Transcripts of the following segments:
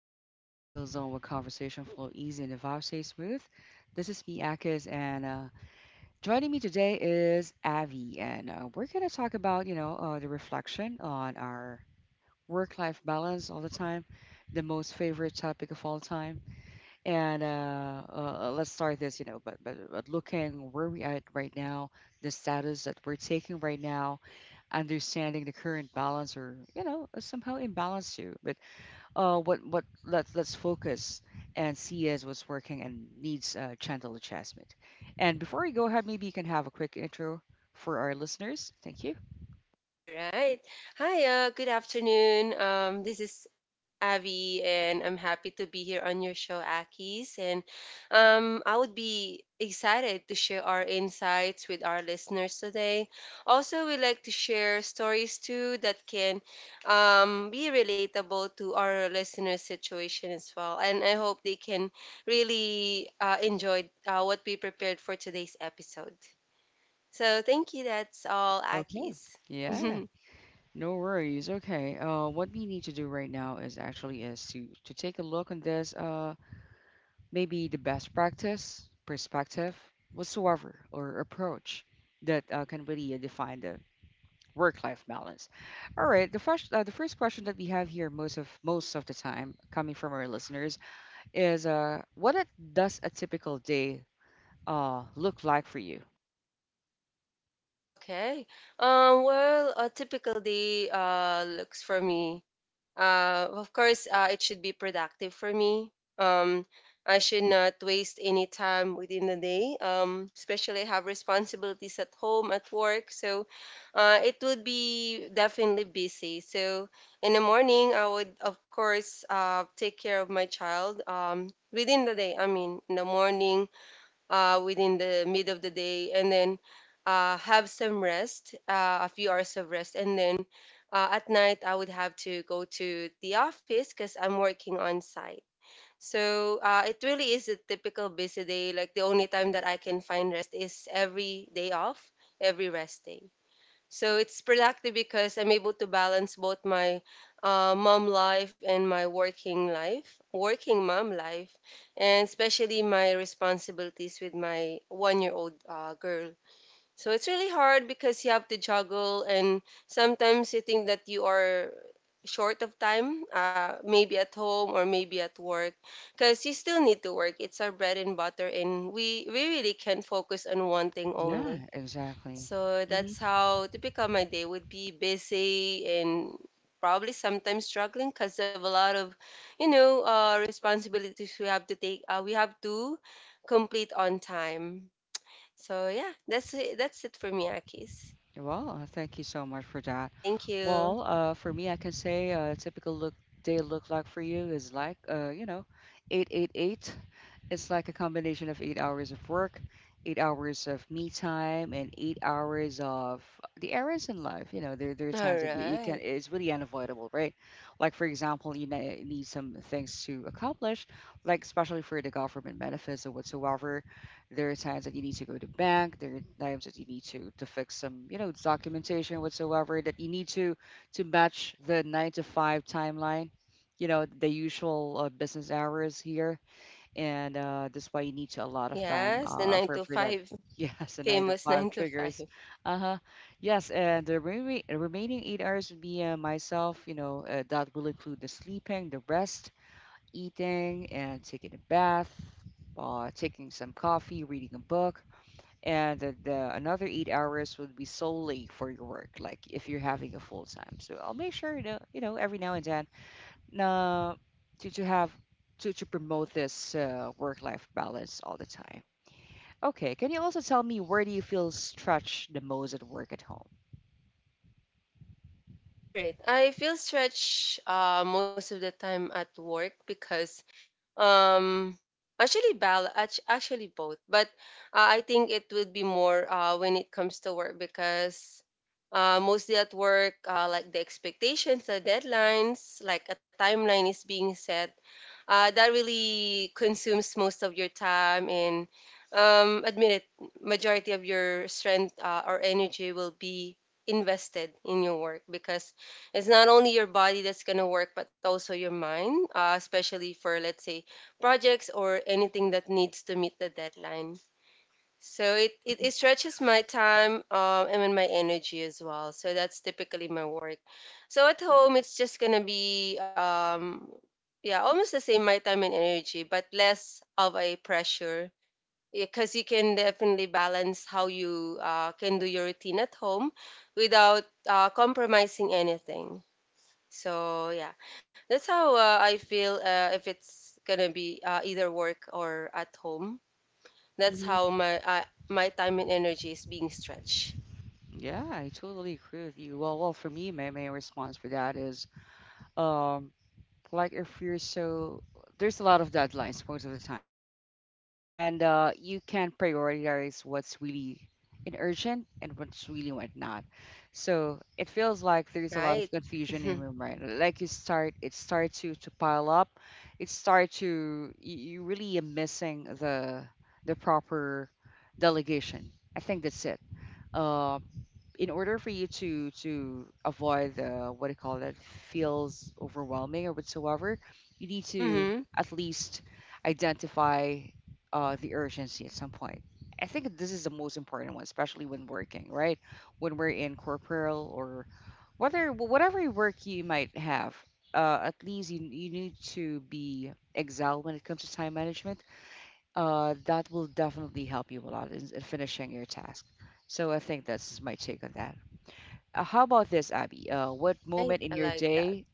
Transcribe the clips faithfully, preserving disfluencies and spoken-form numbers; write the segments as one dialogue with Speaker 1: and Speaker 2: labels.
Speaker 1: Just step into a chill zone where conversation flow easy and the vibe stay smooth. This is me, Akis, and uh, joining me today is Avi, and uh, we're gonna talk about you know uh, the reflection on our work-life balance all the time, the most favorite topic of all time. And uh, uh, uh, let's start this, you know, but, but but looking where we at right now, the status that we're taking right now, understanding the current balance or you know somehow imbalance too. But uh, what what let's let's focus and see as what's working and needs uh, gentle adjustment. And before we go ahead, maybe you can have a quick intro for our listeners. Thank you.
Speaker 2: All right. Hi, uh, good afternoon. Um, this is Abby, and I'm happy to be here on your show, Akis. And um, I would be excited to share our insights with our listeners today. Also, we like to share stories too that can um, be relatable to our listeners' situation as well. And I hope they can really uh, enjoy uh, what we prepared for today's episode. So, thank you. That's all,
Speaker 1: Okay.
Speaker 2: Akis.
Speaker 1: Yeah. No worries. Okay. Uh, what we need to do right now is actually is to to take a look on this. Uh, maybe the best practice, perspective, whatsoever, or approach that uh, can really uh, define the work-life balance. All right, the first uh, the first question that we have here most of most of the time coming from our listeners is uh, what it, does a typical day uh, look like for you?
Speaker 2: Okay. Um, well, a typical day uh, looks for me. Uh, of course, uh, it should be productive for me. Um, I should not waste any time within the day, um, especially I have responsibilities at home, at work. So uh, it would be definitely busy. So in the morning, I would, of course, uh, take care of my child um, within the day. I mean, in the morning uh, within the mid of the day, and then uh, have some rest, uh, a few hours of rest. And then uh, at night, I would have to go to the office because I'm working on site. So uh, it really is a typical busy day. Like, the only time that I can find rest is every day off, every rest day. So it's productive because I'm able to balance both my uh, mom life and my working life, working mom life, and especially my responsibilities with my one year old uh, girl. So it's really hard because you have to juggle, and sometimes you think that you are short of time, uh, maybe at home or maybe at work, because you still need to work. It's our bread and butter, and we, we really can't focus on one thing
Speaker 1: Yeah,
Speaker 2: only.
Speaker 1: exactly.
Speaker 2: So
Speaker 1: hmm
Speaker 2: that's how typical my day would be, busy and probably sometimes struggling because of a lot of, you know, uh, responsibilities we have to take. Uh, we have to complete on time. So yeah, that's it. That's it for me, Akis.
Speaker 1: Well, uh, thank you so much for that.
Speaker 2: Thank you.
Speaker 1: Well, uh, for me, I can say uh, a typical look day look like for you is like, uh, you know, eight eight eight. It's like a combination of eight hours of work, eight hours of me time, and eight hours of the errands in life. You know, there, there are
Speaker 2: All
Speaker 1: times that you, you can,
Speaker 2: right.
Speaker 1: it's really unavoidable, right? Like, for example, you ne- need some things to accomplish, like especially for the government benefits or whatsoever. There are times that you need to go to bank. There are times that you need to to fix some, you know, documentation whatsoever that you need to to match the nine to five timeline. You know, the usual uh, business hours here, and uh, that's why you need to a lot of time
Speaker 2: Yes, the
Speaker 1: uh,
Speaker 2: nine
Speaker 1: for
Speaker 2: to
Speaker 1: for that.
Speaker 2: five,
Speaker 1: Yes, the nine to
Speaker 2: famous nine
Speaker 1: five
Speaker 2: to
Speaker 1: triggers.
Speaker 2: five.
Speaker 1: Uh huh. Yes, and the remai- remaining eight hours would be uh, myself. You know, uh, that will include the sleeping, the rest eating and taking a bath, uh, taking some coffee, reading a book, and the, the another eight hours would be solely for your work, like if you're having a full time. So I'll make sure to, you know, every now and then, uh, to, to have to, to promote this uh, work life balance all the time. Okay, can you also tell me where do you feel stretched the most at work at home?
Speaker 2: All right. I feel stretched uh, most of the time at work because um actually bal act- actually both, but uh, I think it would be more uh when it comes to work, because uh mostly at work, uh like the expectations, the deadlines, like a timeline is being set uh that really consumes most of your time. And um admit it, majority of your strength uh, or energy will be invested in your work, because it's not only your body that's going to work, but also your mind, uh, especially for, let's say, projects or anything that needs to meet the deadline. So it, it, it stretches my time um, and then my energy as well. So that's typically my work. So at home, it's just going to be, um, yeah, almost the same, my time and energy, but less of a pressure, because you can definitely balance how you uh, can do your routine at home without uh, compromising anything. So yeah, that's how uh, I feel uh, if it's gonna be uh, either work or at home. That's how
Speaker 1: hmm
Speaker 2: my uh, my time and energy is being stretched.
Speaker 1: Yeah, I totally agree with you. Well, well, for me, my main response for that is, um, like if you're so there's a lot of deadlines most of the time, and uh, you can prioritize what's really in urgent and what's really what not. So it feels like there's a lot of
Speaker 2: Right.
Speaker 1: confusion in your mind. Like you start, it starts to to pile up. It starts to you, you really are missing the the proper delegation. I think that's it. Um, in order for you to to avoid the what do you call that feels overwhelming or whatsoever, you need to
Speaker 2: Mm-hmm.
Speaker 1: at least identify uh, the urgency at some point. I think this is the most important one, especially when working, right? When we're in corporal or whether whatever work you might have, uh, at least you, you need to be excel when it comes to time management. Uh, that will definitely help you a lot in, in finishing your task. So I think that's my take on that. Uh, how about this, Abby? Uh, what
Speaker 2: Right.
Speaker 1: moment
Speaker 2: I
Speaker 1: in your
Speaker 2: like that.
Speaker 1: day?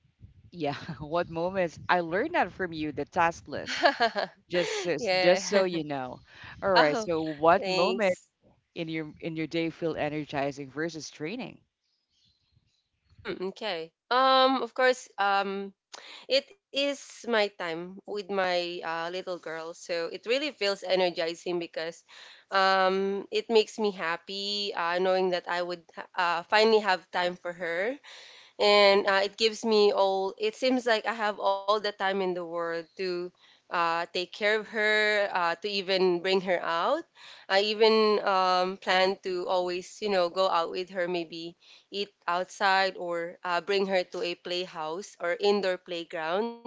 Speaker 1: Yeah, what moments? I learned that from you, the task list. Just so,
Speaker 2: Yeah.
Speaker 1: just so you know. All right.
Speaker 2: Oh,
Speaker 1: So, what moment
Speaker 2: thanks.
Speaker 1: in your in your day feel energizing versus draining?
Speaker 2: Mm, okay. Um, of course. Um, It is my time with my uh, little girl. So it really feels energizing because um, it makes me happy uh, knowing that I would uh, finally have time for her, and uh, it gives me all, it seems like I have all the time in the world to uh, take care of her, uh, to even bring her out. I even um, plan to always, you know, go out with her, maybe eat outside, or uh, bring her to a playhouse or indoor playground,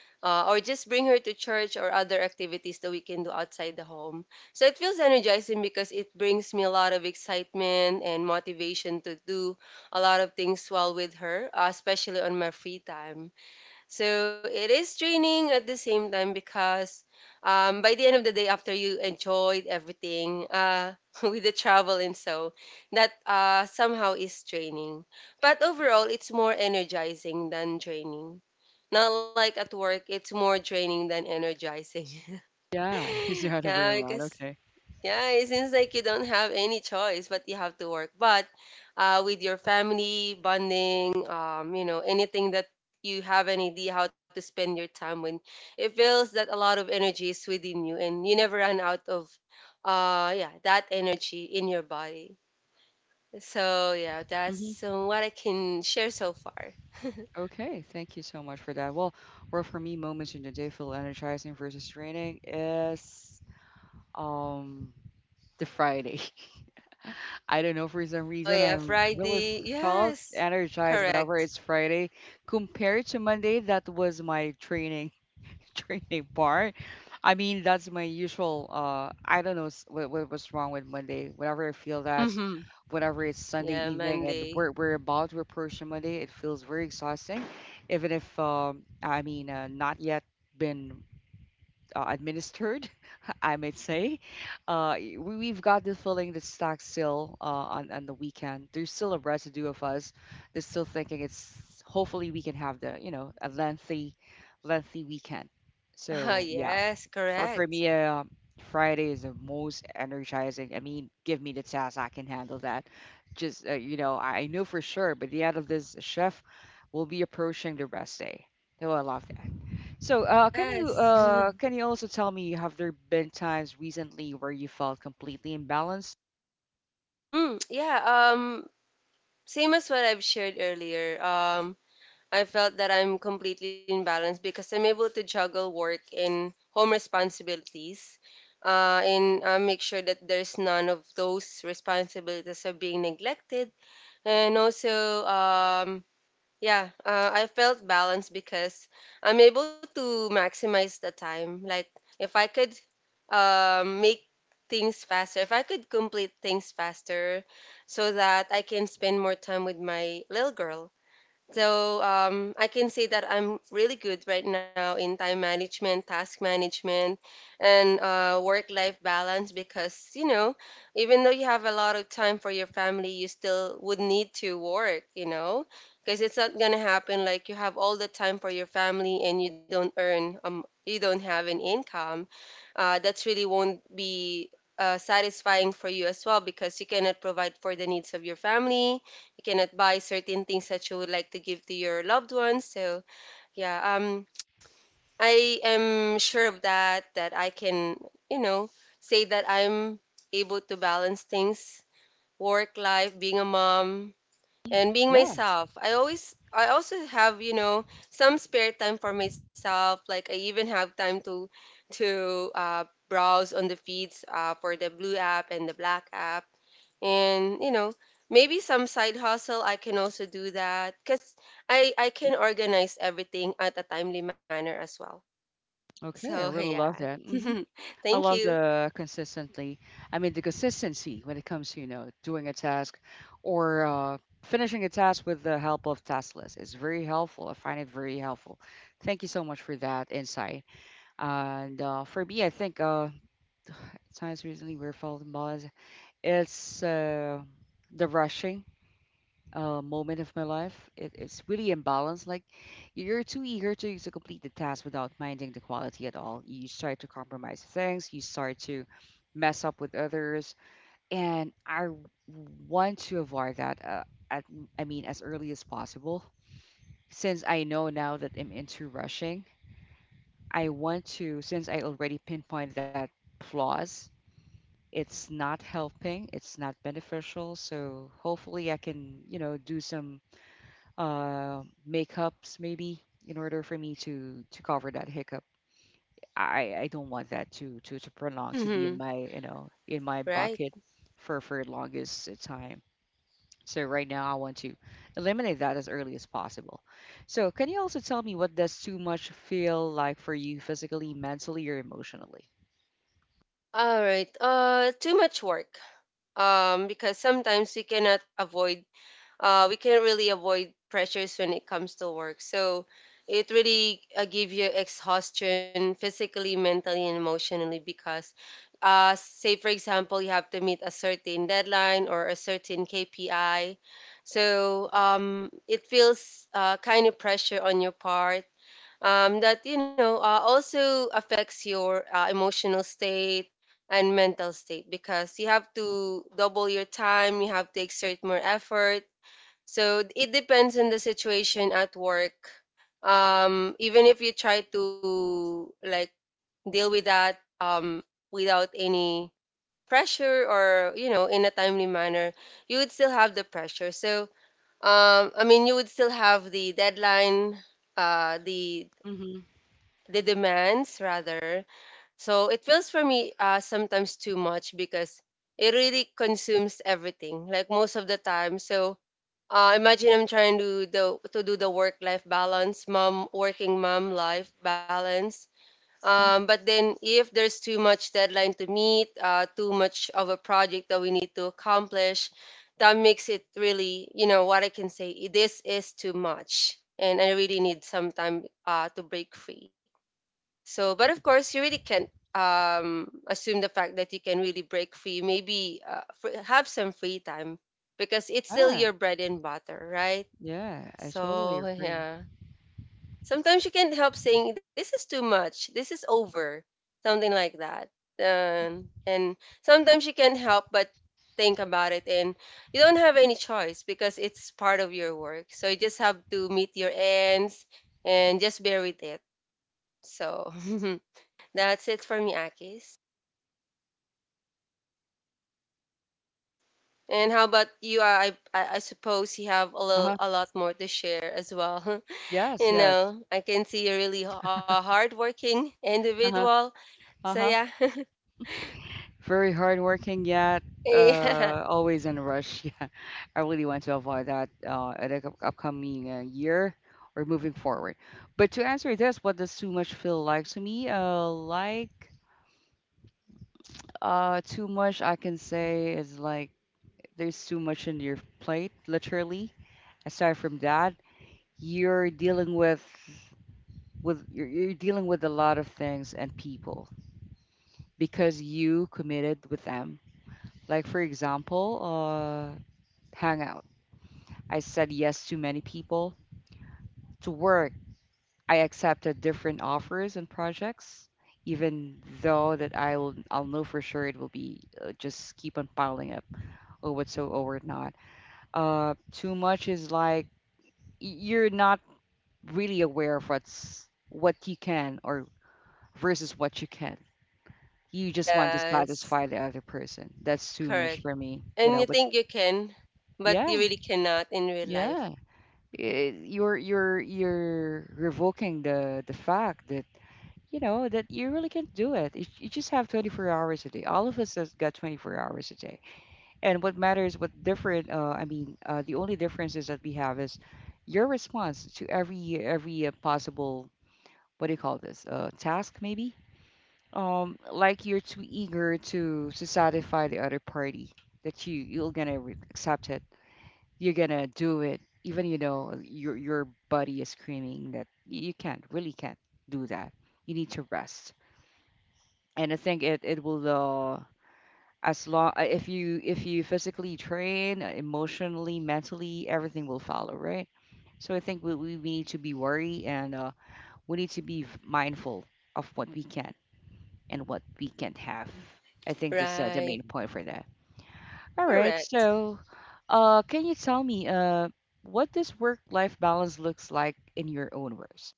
Speaker 2: uh, or just bring her to church or other activities that we can do outside the home. So it feels energizing because it brings me a lot of excitement and motivation to do a lot of things while with her, uh, especially on my free time. So it is draining at the same time because um, by the end of the day, after you enjoyed everything, uh, with the travel and so, that uh, somehow is draining. But overall, it's more energizing than draining. Not like at work, it's more draining than energizing.
Speaker 1: Yeah, it's the other way
Speaker 2: Yeah,
Speaker 1: around.
Speaker 2: because
Speaker 1: Okay.
Speaker 2: yeah, it seems like you don't have any choice, but you have to work. But uh, with your family bonding, um, you know, anything that you have an idea how to spend your time, when it feels that a lot of energy is within you and you never run out of uh yeah, that energy in your body. So yeah, that's
Speaker 1: hmm
Speaker 2: uh, what I can share so far.
Speaker 1: Okay. Thank you so much for that. Well, well, for me, moments in the day feel energizing versus draining is um the Friday. I don't know, for some
Speaker 2: Oh
Speaker 1: reason, I
Speaker 2: yeah,
Speaker 1: really
Speaker 2: Friday,
Speaker 1: felt
Speaker 2: yes.
Speaker 1: energized whenever
Speaker 2: Correct.
Speaker 1: it's Friday compared to Monday. That was my training training part. I mean, that's my usual. Uh, I don't know s- what, what was wrong with Monday. Whenever I feel that,
Speaker 2: Mm-hmm.
Speaker 1: whenever it's Sunday
Speaker 2: Yeah,
Speaker 1: evening and
Speaker 2: Monday.
Speaker 1: we're we're about to approach Monday, it feels very exhausting. Even if um, I mean, uh, not yet been uh, administered, I might say. Uh, y- we, we've got the feeling that's stuck still uh, on, on the weekend. There's still a residue of us that's still thinking it's hopefully we can have the, you know, a lengthy, lengthy weekend.
Speaker 2: Ah,
Speaker 1: So, yeah,
Speaker 2: yes,
Speaker 1: for, for
Speaker 2: correct.
Speaker 1: me, uh, Friday is the most energizing. I mean, give me the task, I can handle that. Just, uh, you know, I, I know for sure, but the end of this shift, we'll be approaching the rest day. So I love that. So, uh, can you
Speaker 2: Yes.
Speaker 1: uh, can you also tell me, have there been times recently where you felt completely imbalanced?
Speaker 2: Hmm, yeah, um, same as what I've shared earlier. Um, I felt that I'm completely in balance because I'm able to juggle work and home responsibilities. Uh, and uh, make sure that there's none of those responsibilities are being neglected. And also, um, yeah, uh, I felt balanced because I'm able to maximize the time. Like, if I could um, make things faster, if I could complete things faster so that I can spend more time with my little girl. So um, I can say that I'm really good right now in time management, task management, and uh, work-life balance, because, you know, even though you have a lot of time for your family, you still would need to work, you know, because it's not gonna happen like you have all the time for your family and you don't earn. um, you don't have an income uh, that's really won't be uh, satisfying for you as well, because you cannot provide for the needs of your family. You cannot buy certain things that you would like to give to your loved ones. So yeah, um, I am sure of that. That I can, you know, say that I'm able to balance things, work life, being a mom, and being
Speaker 1: Yeah.
Speaker 2: myself. I always I also have, you know, some spare time for myself. Like, I even have time to to uh, browse on the feeds uh, for the blue app and the black app. And, you know, maybe some side hustle I can also do, that cuz I I can organize everything at a timely manner as well.
Speaker 1: Okay.
Speaker 2: So,
Speaker 1: I really
Speaker 2: yeah.
Speaker 1: love that. hmm I
Speaker 2: Thank
Speaker 1: love
Speaker 2: you.
Speaker 1: the consistently. I mean, the consistency when it comes to, you know, doing a task or uh, finishing a task with the help of task list is very helpful. I find it very helpful. Thank you so much for that insight. And uh, for me, I think uh, times recently where I felt imbalanced, it's uh, the rushing uh, moment of my life. It, it's really imbalanced. Like you're too eager to to complete the task without minding the quality at all. You start to compromise things. You start to mess up with others, and I want to avoid that. Uh, at I mean, as early as possible. Since I know now that I'm into rushing, I want to. Since I already pinpointed that flaws. It's not helping. It's not beneficial. So hopefully, I can, you know, do some uh, makeups maybe in order for me to to cover that hiccup. I I don't want that to to to prolong to be in
Speaker 2: Mhm.
Speaker 1: my you know in my
Speaker 2: Right.
Speaker 1: bucket for for longest time. So right now I want to eliminate that as early as possible. So can you also tell me what does too much feel like for you physically, mentally, or emotionally?
Speaker 2: All right. Uh too much work, um because sometimes we cannot avoid, uh, we can't really avoid pressures when it comes to work. So it really uh, give you exhaustion physically, mentally, and emotionally, because, uh, say for example, you have to meet a certain deadline or a certain K P I. So um, it feels uh, kind of pressure on your part. Um, that, you know, uh, also affects your uh, emotional state and mental state, because you have to double your time, you have to exert more effort, so it depends on the situation at work. Um, even if you try to, like, deal with that, um, without any pressure or, you know, in a timely manner, you would still have the pressure. So um, I mean, you would still have the deadline, uh, the
Speaker 1: Mm-hmm.
Speaker 2: the demands, rather. So it feels for me uh, sometimes too much because it really consumes everything, like most of the time. So uh, imagine I'm trying to do the, to do the work life balance, mom working mom life balance. Um, but then, if there's too much deadline to meet, uh, too much of a project that we need to accomplish, that makes it really, you know, what I can say, this is too much, and I really need some time uh, to break free. So, but of course, you really can't um, assume the fact that you can really break free. Maybe uh, fr- have some free time, because it's still
Speaker 1: Ah,
Speaker 2: your bread and butter, right?
Speaker 1: yeah, I totally
Speaker 2: So,
Speaker 1: agree.
Speaker 2: yeah. Sometimes you can't help saying, "This is too much. This is over." Something like that. Um, and sometimes you can't help but think about it. And you don't have any choice because it's part of your work. So, you just have to meet your ends and just bear with it. So, that's it for me, Akis. And how about you? I I, I suppose you have a little,
Speaker 1: Uh-huh.
Speaker 2: a lot more to share as well.
Speaker 1: Yes,
Speaker 2: You
Speaker 1: yes.
Speaker 2: know, I can see you're really h- a hardworking
Speaker 1: Uh-huh.
Speaker 2: individual. So
Speaker 1: Uh-huh.
Speaker 2: yeah,
Speaker 1: Very hardworking, yet
Speaker 2: yeah,
Speaker 1: uh, always in a rush. Yeah, I really want to avoid that uh, at the up- upcoming uh, year or moving forward. But to answer this, what does too much feel like to me? Uh, like uh, too much, I can say is like there's too much in your plate, literally. Aside from that, you're dealing with with you're, you're dealing with a lot of things and people because you committed with them. Like for example, uh, hangouts. I said yes to many people. To work, I accepted different offers and projects, even though that I'll I'll know for sure it will be uh, just keep on piling up or whatsoever or not. Uh, too much is like y- you're not really aware of what's what you can or versus what you can. You just want to
Speaker 2: yes,
Speaker 1: satisfy the other person. That's too much
Speaker 2: correct.
Speaker 1: for me, you
Speaker 2: And you
Speaker 1: know. But
Speaker 2: think you can, but you
Speaker 1: yeah,
Speaker 2: really cannot in real life.
Speaker 1: yeah, eh, you're you're you're revoking the the fact that you know that you really can't do it. You, you just have twenty-four hours a day. All of us has got twenty-four hours a day, and what matters what different uh, I mean uh, the only differences that we have is your response to every every uh, possible what do you call this uh, task maybe. um like you're too eager to to satisfy the other party that you you're gonna re- accept it. You're gonna do it even you know your your body is screaming that you you can't really can't do that. You need to rest, and I think it it will uh, as long if you if you physically train, uh, emotionally, mentally, everything will follow, right? So I think we we we need to be wary and uh, we need to be mindful of what we can and what we can't have.
Speaker 2: Mm,
Speaker 1: I think that's uh, the main
Speaker 2: right,
Speaker 1: point for that. All right,
Speaker 2: correct.
Speaker 1: so uh, can you tell me uh, what this work-life balance looks like in your own words?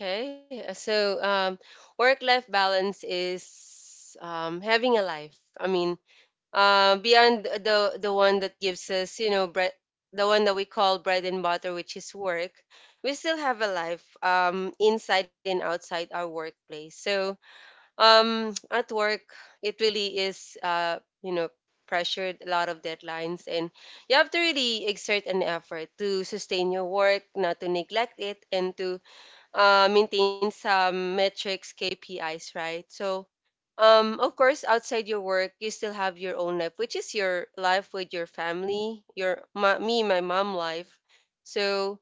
Speaker 2: Okay, uh, so um, work-life balance is um, having a life. I mean, uh, beyond the the one that gives us you know bread, the one that we call bread and butter, which is work. We still have a life um, inside and outside our workplace. So um, at work, it really is, uh, you know pressured, a lot of deadlines, and you have to really exert an effort to sustain your work, not to neglect it, and to uh, maintain some metrics, KPIs, right? So um, of course, outside your work, you still have your own life, which is your life with your family, your my, me, my mom life. So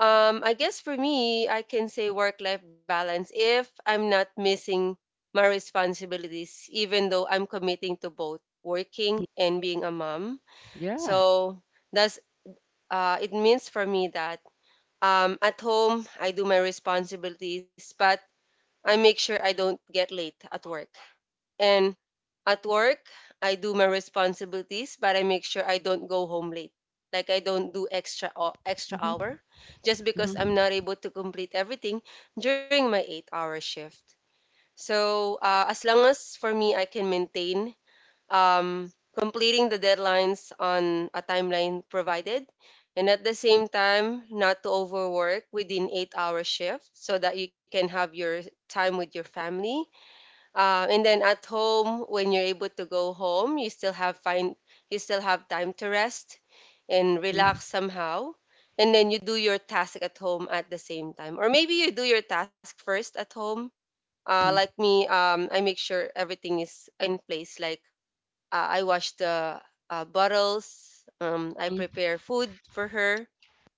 Speaker 2: um, I guess for me, I can say work life balance if I'm not missing my responsibilities, even though I'm committing to both working and being a mom.
Speaker 1: Yeah.
Speaker 2: So that's, uh it means for me that um, at home, I do my responsibilities, but I make sure I don't get late at work. And at work, I do my responsibilities, but I make sure I don't go home late. Like, I don't do extra ho- extra
Speaker 1: Mm-hmm.
Speaker 2: hour just because I'm
Speaker 1: Mm-hmm.
Speaker 2: not able to complete everything during my eight-hour shift. So, uh, as long as for me I can maintain um completing the deadlines on a timeline provided, and at the same time not to overwork within eight-hour shift so that you can have your time with your family. Uh, and then at home, when you're able to go home, you still have fine, you still have time to rest and
Speaker 1: Mm-hmm.
Speaker 2: relax somehow. And then you do your task at home at the same time, or maybe you do your task first at home. Uh, like me, um, I make sure everything is in place, like uh, I wash the uh, bottles. Um, I prepare food for her,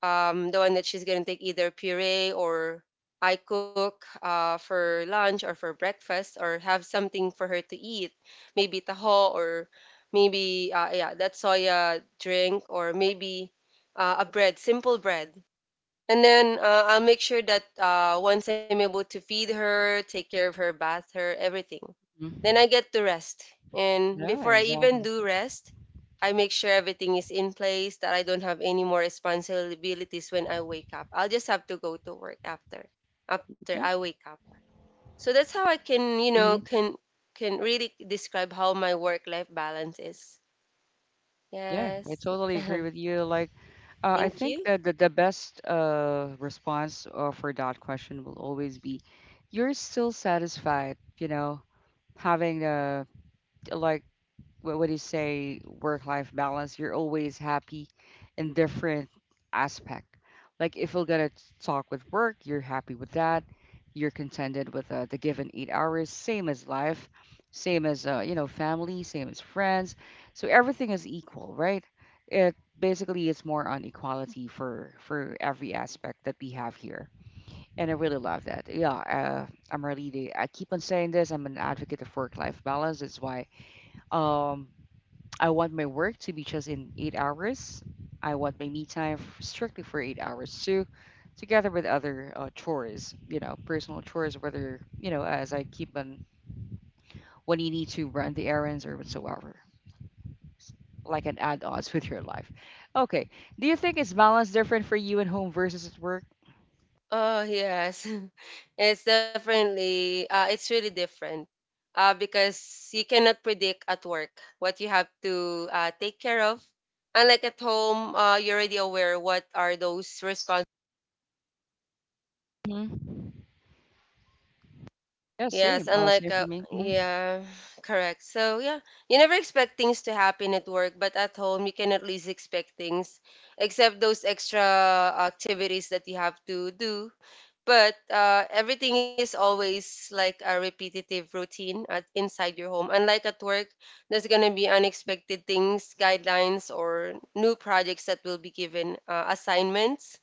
Speaker 2: um, the one that she's gonna take, either puree, or I cook uh, for lunch or for breakfast, or have something for her to eat, maybe taho, or maybe uh, yeah, that soya drink, or maybe uh, a bread, simple bread. And then uh, I'll make sure that uh, once I'm able to feed her, take care of her, bath her, everything, then
Speaker 1: Mm-hmm.
Speaker 2: I get to rest. And
Speaker 1: Yeah,
Speaker 2: before I even
Speaker 1: exactly.
Speaker 2: do rest, I make sure everything is in place, that I don't have any more responsibilities when I wake up. I'll just have to go to work after after I wake up. So that's how I can, you know,
Speaker 1: hmm
Speaker 2: can can really describe how my work life balance is.
Speaker 1: Yeah, I
Speaker 2: Yes.
Speaker 1: totally agree with you. Like, uh, I
Speaker 2: Thank
Speaker 1: think
Speaker 2: you.
Speaker 1: that the, the best uh, response uh, for that question will always be, you're still satisfied, you know, having a like what would you say work life balance, you're always happy in different aspect. Like if you're gonna talk with work, you're happy with that, you're contented with uh, the given eight hours, same as life, same as uh, you know, family, same as friends. So everything is equal, right? It basically it's more on equality for for every aspect that we have here. And I really love that. Yeah, uh, I'm really, i keep on saying this, I'm an advocate of work life balance. It's why um I want my work to be just in eight hours. I want my me time f- strictly for eight hours too, together with other uh, chores, you know, personal chores, whether, you know, as I keep on when you need to run the errands or whatsoever, s- like an add ons with your life. Okay. Do you think it's balance different for you at home versus at work?
Speaker 2: Oh, yes. It's definitely uh it's really different, uh, because you cannot predict at work what you have to uh, take care of. Unlike at home, uh, you're already aware what are those responsibilities.
Speaker 1: Hmm. Yeah,
Speaker 2: Yes,
Speaker 1: same. Uh,
Speaker 2: unlike
Speaker 1: same
Speaker 2: uh,
Speaker 1: for me. Hmm.
Speaker 2: yeah, correct. So yeah, you never expect things to happen at work, but at home you can at least expect things, except those extra activities that you have to do, but uh, everything is always like a repetitive routine at inside your home. Unlike at work, there's gonna be unexpected things, guidelines, or new projects that will be given, uh, assignments.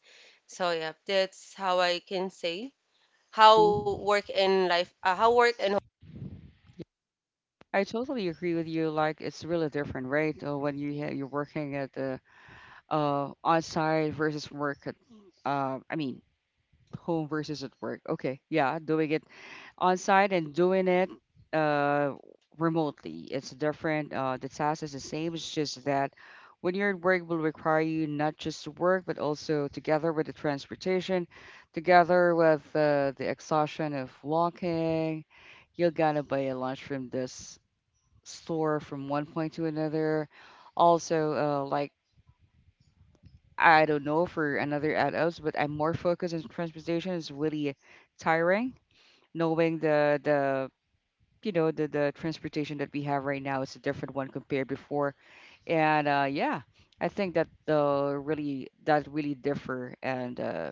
Speaker 2: So yeah, that's how I can say how work and life, uh, how work and home.
Speaker 1: I totally agree with you. Like, it's really different, right? Uh, when you ha- you're working at the uh outside versus work at uh I mean home versus at work. Okay, yeah, doing it on-site and doing it uh remotely. It's different. Uh, the task is the same. It's just that when you're at work will require you not just to work but also together with the transportation, together with uh, the exhaustion of walking, you're gonna buy a lunch from this store from one point to another. Also, uh, like I don't know for another adults, but I'm more focused on transportation. It's really tiring, knowing the the you know the the transportation that we have right now is a different one compared before. And uh, yeah, I think that the really that really differ and uh,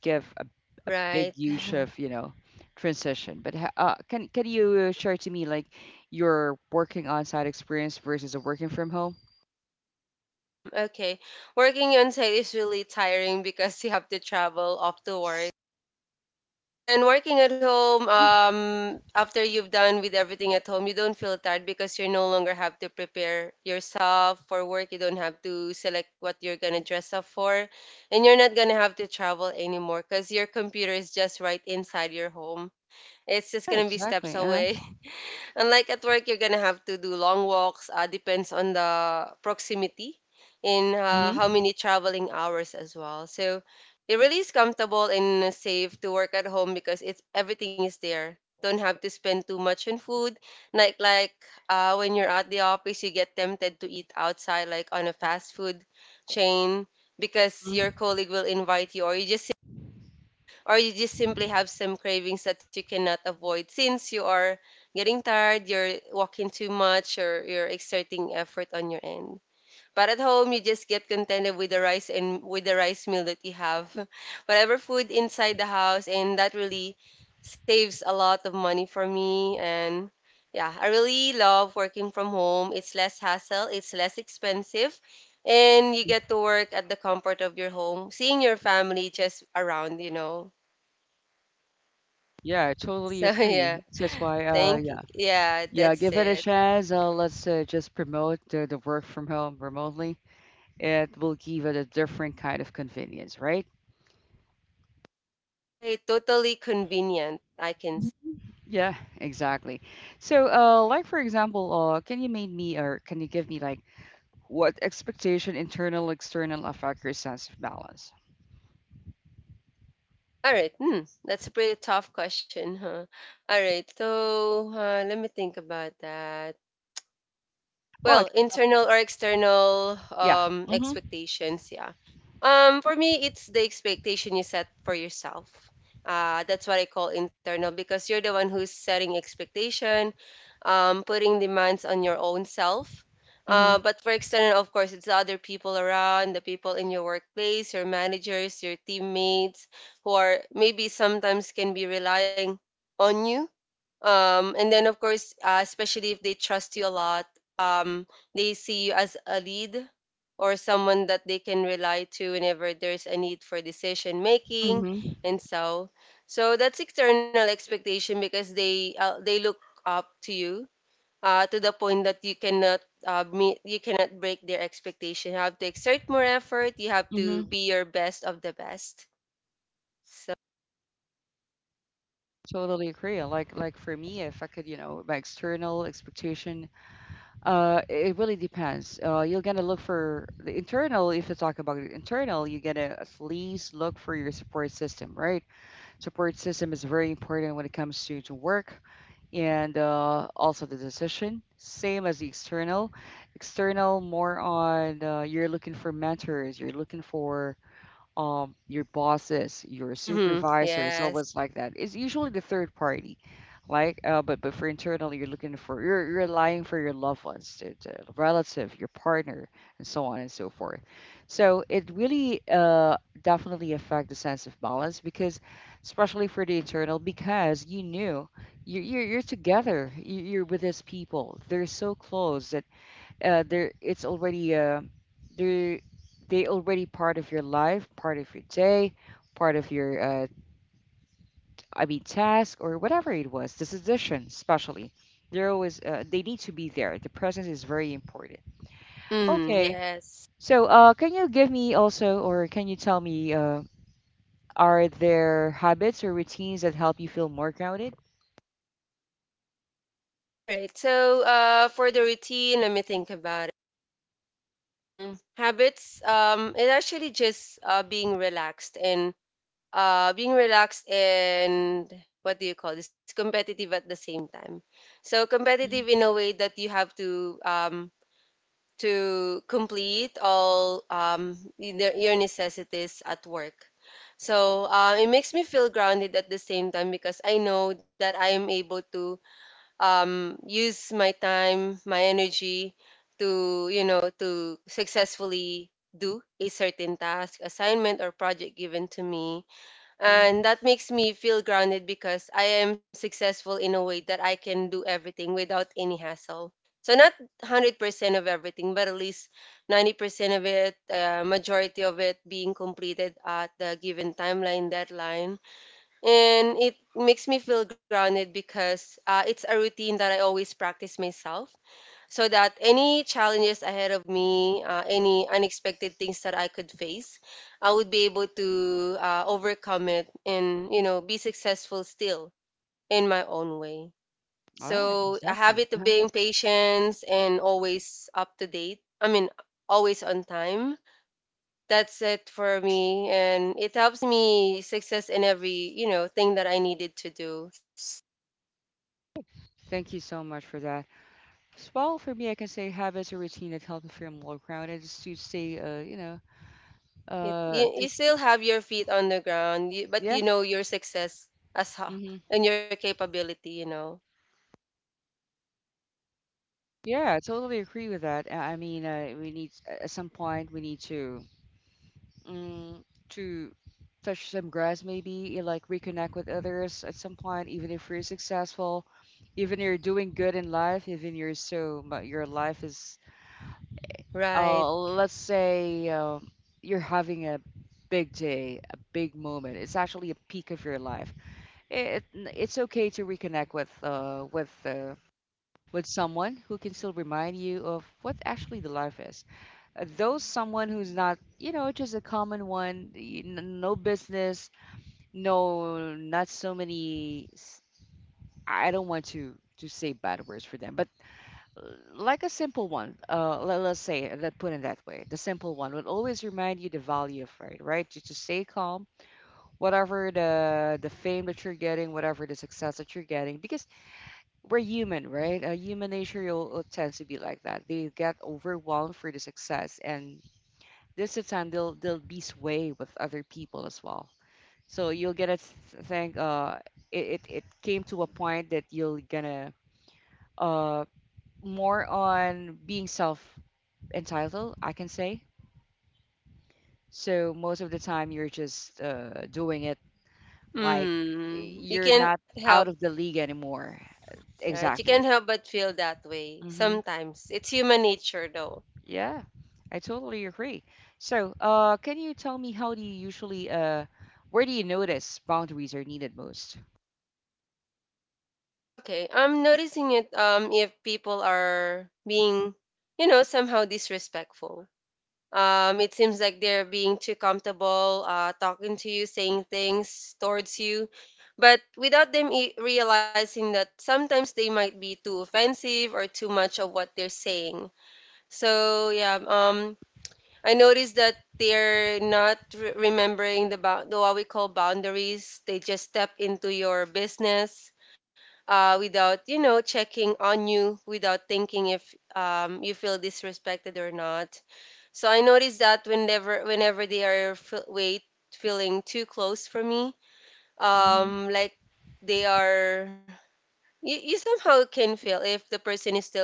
Speaker 1: give a, a big
Speaker 2: Right.
Speaker 1: huge of you know transition. But ha- uh, can can you uh, share to me like your working on site experience versus a working from home?
Speaker 2: Hmm, okay. Working on site is really tiring because you have to travel off to work. And working at home,
Speaker 1: Mm.
Speaker 2: um, after you've done with everything at home, you don't feel tired because you no longer have to prepare yourself for work. You don't have to select what you're gonna dress up for, and you're not gonna have to travel anymore because your computer is just right inside your home. It's just
Speaker 1: Yeah,
Speaker 2: gonna be steps
Speaker 1: exactly. Uh-huh.
Speaker 2: away. Unlike at work, you're gonna have to do long walks. Uh, depends on the proximity and uh,
Speaker 1: Mm-hmm.
Speaker 2: how many traveling hours as well. So it really is comfortable and safe to work at home because it's everything is there. Don't have to spend too much on food. Like like, uh, when you're at the office, you get tempted to eat outside, like on a fast food chain, because your colleague will invite you, or you just or you just simply have some cravings that you cannot avoid since you are getting tired, you're walking too much, or you're exerting effort on your end. But at home, you just get contented with the rice and with the rice meal that you have, whatever food inside the house, and that really saves a lot of money for me. And yeah, I really love working from home. It's less hassle, it's less expensive, and you get to work at the comfort of your home, seeing your family just around, you know.
Speaker 1: Yeah, I
Speaker 2: So
Speaker 1: totally
Speaker 2: yeah,
Speaker 1: agree. That's why, uh,
Speaker 2: thank you.
Speaker 1: yeah,
Speaker 2: Yeah,
Speaker 1: yeah,
Speaker 2: that's
Speaker 1: give it a
Speaker 2: it.
Speaker 1: chance. Uh, let's uh, just promote the, the work from home remotely. It will give it a different kind of convenience, right?
Speaker 2: I totally convenient, I can s.
Speaker 1: Yeah, exactly. So, uh, like for example, uh, can you make me or can you give me like what expectation internal external affect your sense of balance?
Speaker 2: All right, hmm, that's a pretty tough question, huh? All right, so uh, let me think about that.
Speaker 1: Well,
Speaker 2: Well,
Speaker 1: like
Speaker 2: internal or external
Speaker 1: yeah,
Speaker 2: um
Speaker 1: mm-hmm,
Speaker 2: expectations, yeah. Um, for me, it's the expectation you set for yourself. Uh, that's what I call internal, because you're the one who's setting expectation, um, putting demands on your own self.
Speaker 1: mm-hmm,
Speaker 2: Uh, but for external, of course, it's the other people around, the people in your workplace, your managers, your teammates, who are maybe sometimes can be relying on you, um, and then of course, uh, especially if they trust you a lot, um, they see you as a lead or someone that they can rely to whenever there's a need for decision making.
Speaker 1: mm-hmm,
Speaker 2: And so, so that's external expectation because they uh, they look up to you, uh, to the point that you cannot, uh, meet you cannot break their expectation. You have to exert more effort, you have to
Speaker 1: mm-hmm.
Speaker 2: be your best of the best. So,
Speaker 1: Totally agree. Like like for me, if I could, you know, my external expectation. Uh, it really depends. Uh, you're gonna look for the internal. If you talk about the internal, you're gonna at least look for your support system, right? Support system is very important when it comes to, to work and uh, also the decision. Same as the external. External, more on uh, you're looking for mentors, you're looking for um, your bosses, your
Speaker 2: mhm,
Speaker 1: supervisor, its
Speaker 2: yes.
Speaker 1: always like that. It's usually the third party, like uh, but but for internally, you're looking for you're you're relying for your loved ones, the, the relative, your partner, and so on and so forth. So it really uh, definitely affect the sense of balance because, especially for the internal, because you knew you're you're, you're together, you- you're with these people. They're so close that uh, there it's already uh, they they already part of your life, part of your day, part of your uh, I mean task or whatever it was. This edition, especially, they're always uh, they need to be there. The presence is very important.
Speaker 2: Mhm,
Speaker 1: Okay,
Speaker 2: yes.
Speaker 1: so uh, can you give me also, or can you tell me, uh, are there habits or routines that help you feel more grounded?
Speaker 2: All right. So, uh, for the routine, let me think about it. Mm, habits. Um, it actually just uh being relaxed and uh being relaxed and, what do you call this, competitive at the same time. So competitive
Speaker 1: Mm.
Speaker 2: in a way that you have to um, to complete all um, your your necessities at work. So uh, it makes me feel grounded at the same time, because I know that I am able to um, use my time, my energy to, you know, to successfully do a certain task, assignment, or project given to me. And that makes me feel grounded because I am successful in a way that I can do everything without any hassle. So, not one hundred percent of everything, but at least ninety percent of it, uh, majority of it being completed at the given timeline, deadline. And it makes me feel grounded because uh, it's a routine that I always practice myself, so that any challenges ahead of me, uh, any unexpected things that I could face, I would be able to uh, overcome it and, you know, be successful still in my own way.
Speaker 1: All right,
Speaker 2: So a habit
Speaker 1: exactly.
Speaker 2: of
Speaker 1: Uh-huh.
Speaker 2: being patient and always up to date. I mean, always on time. That's it for me, and it helps me success in every, you know, thing that I needed to do.
Speaker 1: Thank you so much for that. Well, for me, I can say habits or routine that help me feel more grounded is to stay, uh, you know,
Speaker 2: It,
Speaker 1: uh,
Speaker 2: you, you
Speaker 1: to,
Speaker 2: still have your feet on the ground, you, but
Speaker 1: yeah,
Speaker 2: you know your success as ho-
Speaker 1: hmm,
Speaker 2: and your capability, you know.
Speaker 1: yeah, I totally agree with that. I I mean, uh, we need at some point, we need to mm, to touch some grass, maybe you like reconnect with others at some point, even if you're successful, even you're doing good in life, even you're so mu- your life is,
Speaker 2: Right.
Speaker 1: uh, let's say, um, you're having a big day, a big moment. It's actually a peak of your life. It, it's okay to reconnect with uh with uh, with someone who can still remind you of what actually the life is. Uh, though someone who's not, you know, just a common one, y- n- no business, no, not so many. s- I don't want to to say bad words for them, but uh, like a simple one, uh, let, let's say, let's put it that way, the simple one will always remind you the value of right, right? Just to stay calm, whatever the the fame that you're getting, whatever the success that you're getting, because we're human, right? Uh, human nature will, will tends to be like that. They get overwhelmed for the success, and this is time they'll they'll be sway with other people as well. So you'll get a th- thing. Uh, it, it it came to a point that you're gonna uh more on being self entitled, I can say. So most of the time you're just uh doing it like eh,
Speaker 2: Mm, you
Speaker 1: you're
Speaker 2: can't
Speaker 1: not
Speaker 2: help.
Speaker 1: out of the league anymore.
Speaker 2: Right, you can't
Speaker 1: Exactly.
Speaker 2: help but feel that way
Speaker 1: Mm-hmm.
Speaker 2: sometimes. It's human nature though.
Speaker 1: Yeah, I totally agree. So, uh, can you tell me how do you usually, uh, where do you notice boundaries are needed most?
Speaker 2: Okay, I'm noticing it um, if people are being, you know, somehow disrespectful. Um, it seems like they're being too comfortable uh, talking to you, saying things towards you, but without them e- realizing that sometimes they might be too offensive or too much of what they're saying. So yeah, um, I noticed that they're not re- remembering the, bou- the what we call boundaries. They just step into your business uh, without, you know, checking on you, without thinking if um, you feel disrespected or not. So I noticed that, whenever whenever they are fe- wait feeling too close for me,
Speaker 1: Hmm.
Speaker 2: um, like, they are, you, you somehow can feel if the person is still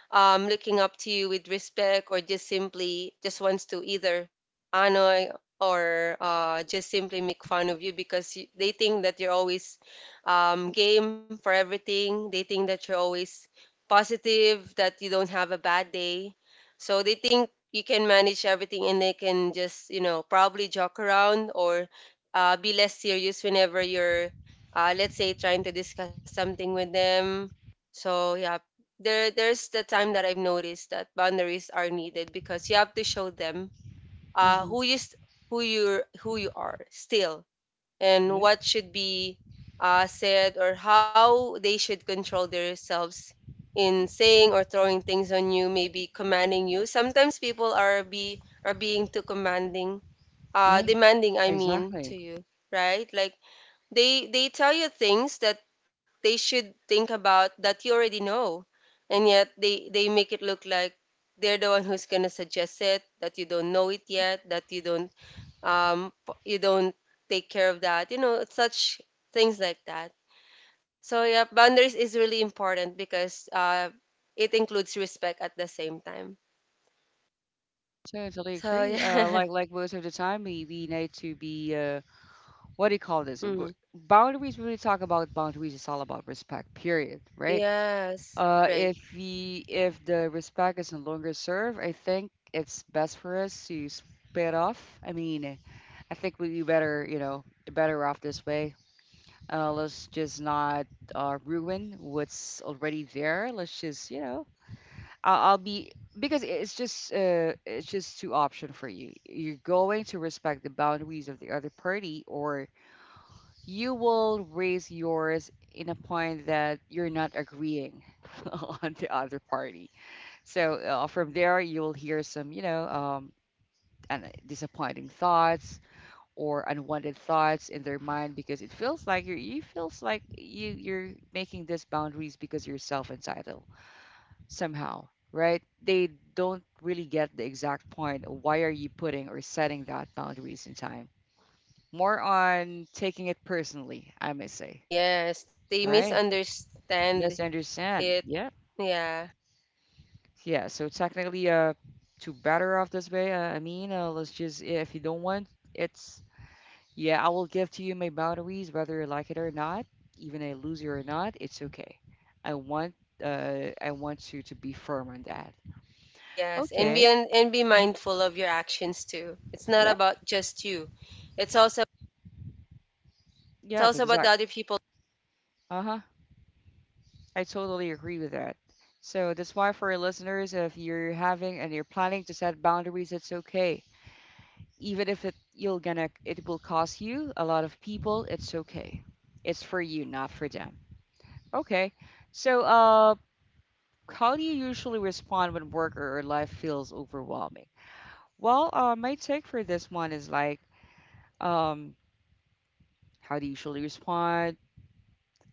Speaker 2: um, looking up to you with respect, or just simply just wants to either annoy, or uh, just simply make fun of you, because you, they think that you're always um, game for everything. They think that you're always positive, that you don't have a bad day. So they think you can manage everything and they can just, you know, probably joke around or uh, be less serious whenever you're, uh, let's say, trying to discuss something with them. So yeah, there there's the time that I've noticed that boundaries are needed because you have to show them uh
Speaker 1: Hmm.
Speaker 2: who you s- who you who you are still, and
Speaker 1: Yeah,
Speaker 2: what should be uh said, or how they should control themselves in saying or throwing things on you, maybe commanding you. Sometimes people are, be are being too commanding, uh
Speaker 1: yeah,
Speaker 2: demanding, I mean, to
Speaker 1: exactly.
Speaker 2: you. Right, like, they they tell you things that they should think about, that you already know, and yet they they make it look like they're the one who's gonna suggest it, that you don't know it yet, that you don't um, p- you don't take care of that. You know, such things like that. So yeah, boundaries is really important because uh it includes respect at the same time.
Speaker 1: Totally agree.
Speaker 2: So
Speaker 1: Uh, like
Speaker 2: yeah.
Speaker 1: like most of the time, we we need to be uh, what do you call this? W-
Speaker 2: Mm.
Speaker 1: boundaries. When we talk about boundaries, it's all about respect. Period. Right?
Speaker 2: Yes.
Speaker 1: Uh, if
Speaker 2: Right.
Speaker 1: we if the respect is no longer served, I think it's best for us to split off. I mean, I think we'd be better, you know, better off this way. Uh, let's just not uh, ruin what's already there. Let's just, you know, I'll, I'll be because it's just uh, it's just two option for you. You're going to respect the boundaries of the other party, or you will raise yours in a point that you're not agreeing on the other party. So uh, from there, you will hear some, you know, um, and disappointing thoughts or unwanted thoughts in their mind because it feels like you're you feels like you you're making these boundaries because you're self entitled somehow, right? They don't really get the exact point of why are you putting or setting that boundaries in time. More on taking it personally, I may say.
Speaker 2: Yes. They
Speaker 1: All right.
Speaker 2: misunderstand
Speaker 1: Misunderstand.
Speaker 2: it.
Speaker 1: Yeah.
Speaker 2: Yeah.
Speaker 1: Yeah. So technically uh to better off this way, uh, I mean, uh, let's just if you don't want it's yeah, I will give to you my boundaries, whether you like it or not, even I lose you or not, it's okay. I want uh I want you to be firm on that.
Speaker 2: Yes, and be
Speaker 1: Okay.
Speaker 2: and, and be
Speaker 1: Mhm.
Speaker 2: mindful of your actions too. It's not
Speaker 1: Yep.
Speaker 2: about just you. It's also it's
Speaker 1: Yep,
Speaker 2: also about the
Speaker 1: exactly.
Speaker 2: other people.
Speaker 1: Uh-huh. I totally agree with that. So that's why for your listeners, if you're having and you're planning to set boundaries, it's okay. Even if it you're gonna it will cost you a lot of people, it's okay. It's for you, not for them. Okay. So uh. How do you usually respond when work or or life feels overwhelming? Well, uh, my take for this one is like, um, how do you usually respond?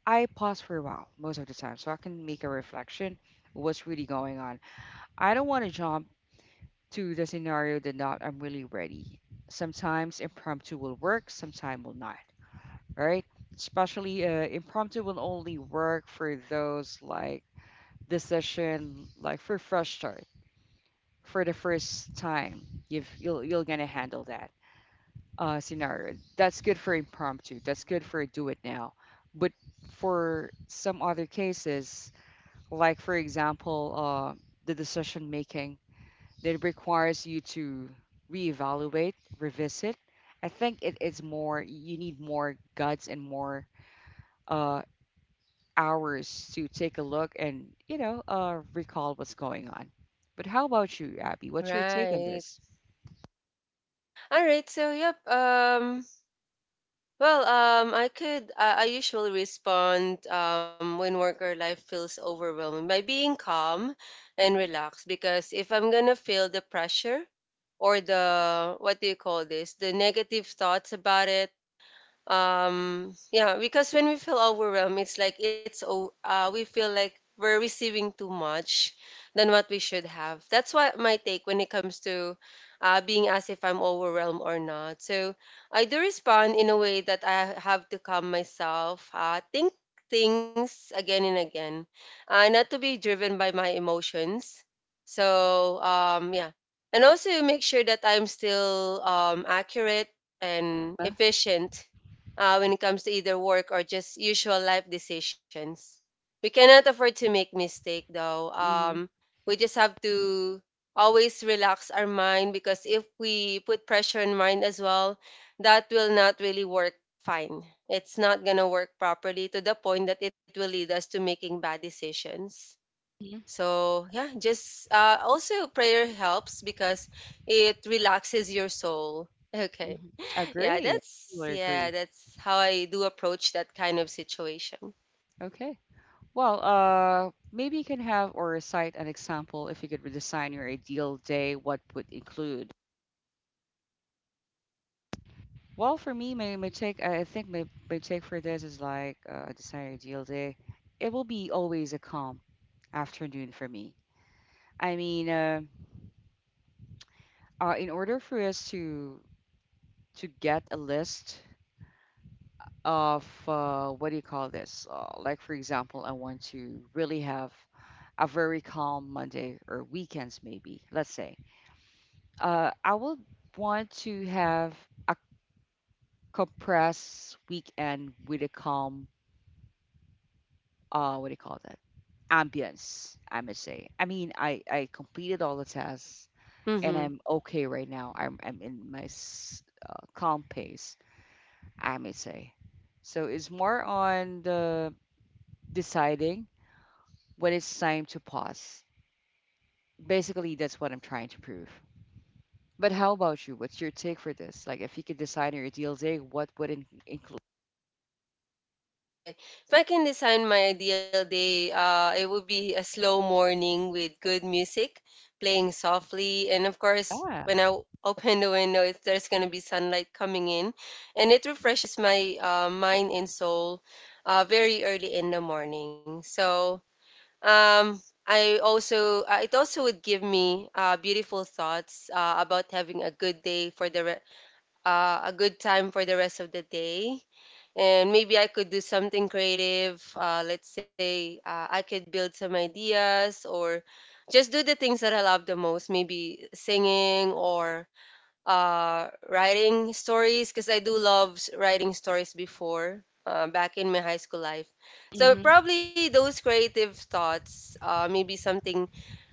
Speaker 1: I pause for a while most of the time so I can make a reflection of what's really going on. I don't want to jump to the scenario that not I'm really ready. Sometimes impromptu will work, sometimes will not, all right? Especially uh, impromptu will only work for those like decision, like for fresh start for the first time you've you'll you're gonna handle that uh, scenario. That's good for impromptu. That's good for do it now. But for some other cases, like for example, uh, the decision making that requires you to reevaluate, revisit. I think it, it's more you need more guts and more uh, hours to take a look and you know uh, recall what's going on. But how about you, Abby? What's your take on
Speaker 2: Right.
Speaker 1: this?
Speaker 2: All right. So yep. Um. Well. Um. I could. I I usually respond. Um. When work or life feels overwhelming by being calm and relaxed. Because if I'm gonna feel the pressure, or the what do you call this? The negative thoughts about it. um yeah, because when we feel overwhelmed, it's like it's oh uh, we feel like we're receiving too much than what we should have. That's what my take when it comes to uh, being asked if I'm overwhelmed or not. So I do respond in a way that I have to calm myself, uh, think things again and again, uh, not to be driven by my emotions. So um yeah, and also make sure that I'm still um accurate and
Speaker 1: Huh?
Speaker 2: efficient uh, when it comes to either work or just usual life decisions. We cannot afford to make mistake though. Um, we just have to always relax our mind, because if we put pressure on mind as well, that will not really work fine. It's not gonna work properly to the point that it will lead us to making bad decisions.
Speaker 1: Mhm,
Speaker 2: So yeah, just uh, also prayer helps because it relaxes your soul. Okay.
Speaker 1: mhm.
Speaker 2: Yeah,
Speaker 1: Agree.
Speaker 2: that's
Speaker 1: Totally
Speaker 2: yeah,
Speaker 1: agree.
Speaker 2: that's how I do approach that kind of situation.
Speaker 1: Okay. Well, uh, maybe you can have or cite an example, if you could redesign your ideal day, what would include? Well, for me, my, my take, I I think my, my take for this is like uh, design your ideal day. It will be always a calm afternoon for me. I mean, uh, uh, in order for us to to get a list of uh, what do you call this? Uh, like for example, I want to really have a very calm Monday or weekends, maybe, let's say. Uh, I would want to have a compressed weekend with a calm, uh, what do you call that? Ambience, I must say. I mean, I, I completed all the tests and
Speaker 2: Mm-hmm.
Speaker 1: I'm okay right now. I'm, I'm in my s- uh, calm pace, I may say. So it's more on the deciding when it's time to pause. Basically, that's what I'm trying to prove. But how about you? What's your take for this? Like, if you could design your ideal day, what would in include?
Speaker 2: Okay. If I can design my ideal day, uh, it would be a slow morning with good music playing softly. And of course,
Speaker 1: Yeah.
Speaker 2: when I w- open the window, if there's going to be sunlight coming in. And it refreshes my uh, mind and soul uh, very early in the morning. So Um, I also uh, it also would give me uh, beautiful thoughts uh, about having a good day for the re- uh, a good time for the rest of the day, and maybe I could do something creative. Uh, let's say uh, I could build some ideas or just do the things that I love the most, maybe singing or uh, writing stories, because I do love s- writing stories before, uh, back in my high school life. So
Speaker 1: Hmm.
Speaker 2: probably those creative thoughts, uh, maybe something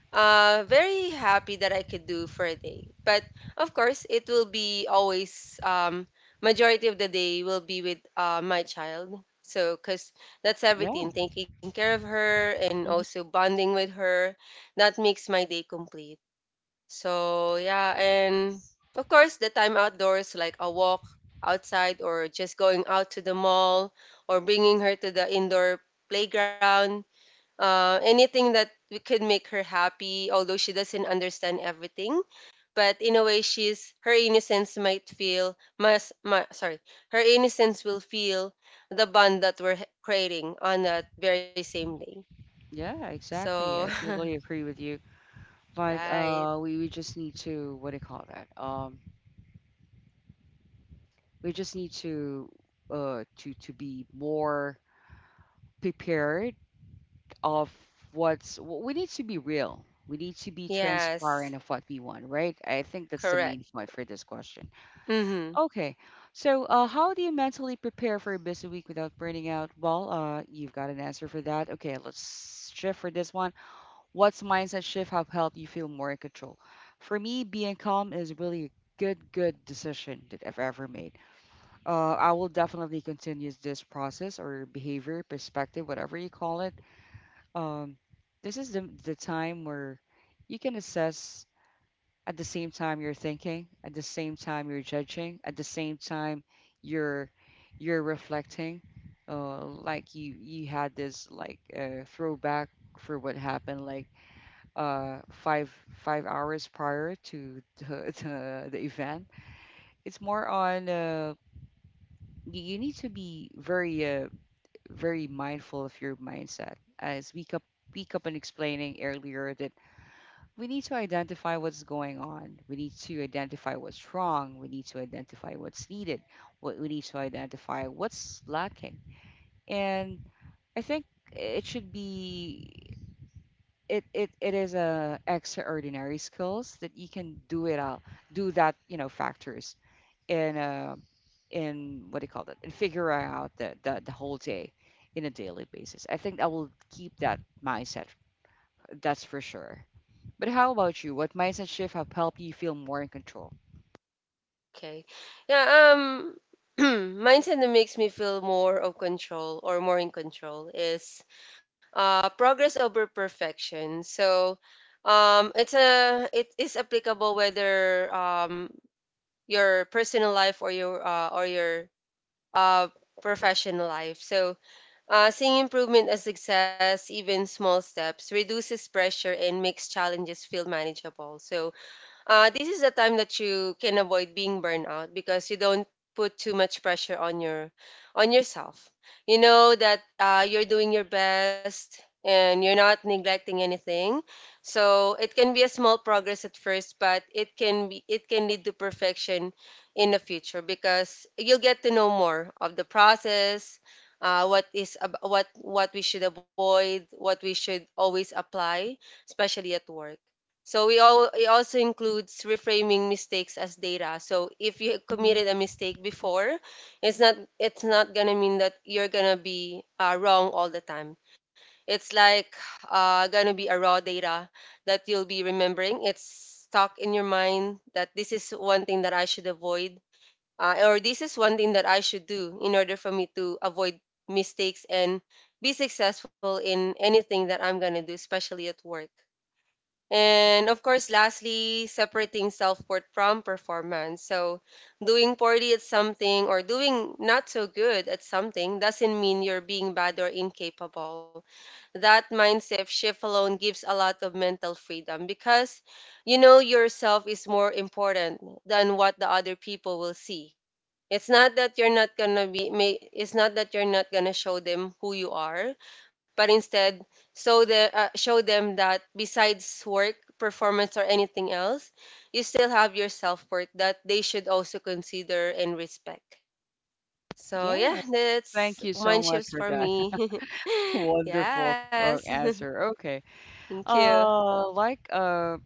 Speaker 2: uh, very happy that I could do for a day. But of course, it will be always um, majority of the day will be with uh, my child. So, because that's
Speaker 1: Yeah.
Speaker 2: everything, taking care of her and
Speaker 1: Hmm.
Speaker 2: also bonding with her, that makes my day complete. So, yeah, and of course, the time outdoors, like a walk outside or just going out to the mall or bringing her to the indoor playground, uh, anything that we could make her happy, although she doesn't understand everything. But in a way, she's her innocence might feel must, mu- sorry, her innocence will feel the bond that we're h- creating on that very same day.
Speaker 1: Yeah,
Speaker 2: So,
Speaker 1: exactly. I totally agree with you. Like,
Speaker 2: right,
Speaker 1: uh, we, we just need to, what do you call that? Um, we just need to, uh, to, to be more prepared of what's, w- we need to be real. We need to be
Speaker 2: yes,
Speaker 1: transparent of what we want, right? I think that's the
Speaker 2: correct.
Speaker 1: main point for this question.
Speaker 2: Mhm.
Speaker 1: Okay. So, uh, how do you mentally prepare for a busy week without burning out? Well, uh, you've got an answer for that. Okay, let's shift for this one. What's mindset shift have helped you feel more in control? For me, being calm is really a good, good decision that I've ever made. Uh, I will definitely continue this process or behavior, perspective, whatever you call it. Um, this is the the time where you can assess. At the same time you're thinking, at the same time you're judging, at the same time you're you're reflecting. Uh, like you you had this like uh, throwback for what happened like uh five five hours prior to the the, the event. It's more on uh, y- you need to be very uh, very mindful of your mindset as we up we up on explaining earlier that we need to identify what's going on. We need to identify what's wrong. We need to identify what's needed. What we need to identify what's lacking. And I think it should be it it, it is a extraordinary skills that you can do it out do that you know factors in uh in what do you call it and figure out the, the the whole day in a daily basis. I think I will keep that mindset. That's for sure. But how about you? What mindset shift have helped you feel more in control?
Speaker 2: Okay. Yeah, um mindset that makes me feel more of control or more in control is uh progress over perfection. So um it's a it is applicable whether um your personal life or your uh or your uh professional life. So uh seeing improvement as success, even small steps, reduces pressure and makes challenges feel manageable. So uh, this is the time that you can avoid being burned out because you don't put too much pressure on your on yourself. You know that uh, you're doing your best and you're not neglecting anything. So it can be a small progress at first, but it can be it can lead to perfection in the future because you'll get to know more of the process. Uh, what is ab- what what we should avoid, what we should always apply, especially at work. So we all it also includes reframing mistakes as data. So if you
Speaker 1: Hmm.
Speaker 2: committed a mistake before, it's not it's not gonna mean that you're gonna be uh, wrong all the time. It's like, uh, gonna be a raw data that you'll be remembering. It's stuck in your mind that this is one thing that I should avoid, uh, or this is one thing that I should do in order for me to avoid mistakes and be successful in anything that I'm gonna do, especially at work. And of course, lastly, separating self worth from performance. So, doing poorly at something or doing not so good at something doesn't mean you're being bad or incapable. That mindset shift alone gives a lot of mental freedom, because you know yourself is more important than what the other people will see. It's not that you're not gonna be may it's not that you're not gonna show them who you are, but instead show the uh, show them that besides work, performance or anything else, you still have your self-worth that they should also consider and respect. So yeah,
Speaker 1: Yeah,
Speaker 2: that's
Speaker 1: thank you so
Speaker 2: mind
Speaker 1: much
Speaker 2: shifts
Speaker 1: for
Speaker 2: for
Speaker 1: that.
Speaker 2: me.
Speaker 1: Wonderful
Speaker 2: yes.
Speaker 1: uh, answer. Okay.
Speaker 2: Thank you.
Speaker 1: Uh, like uh,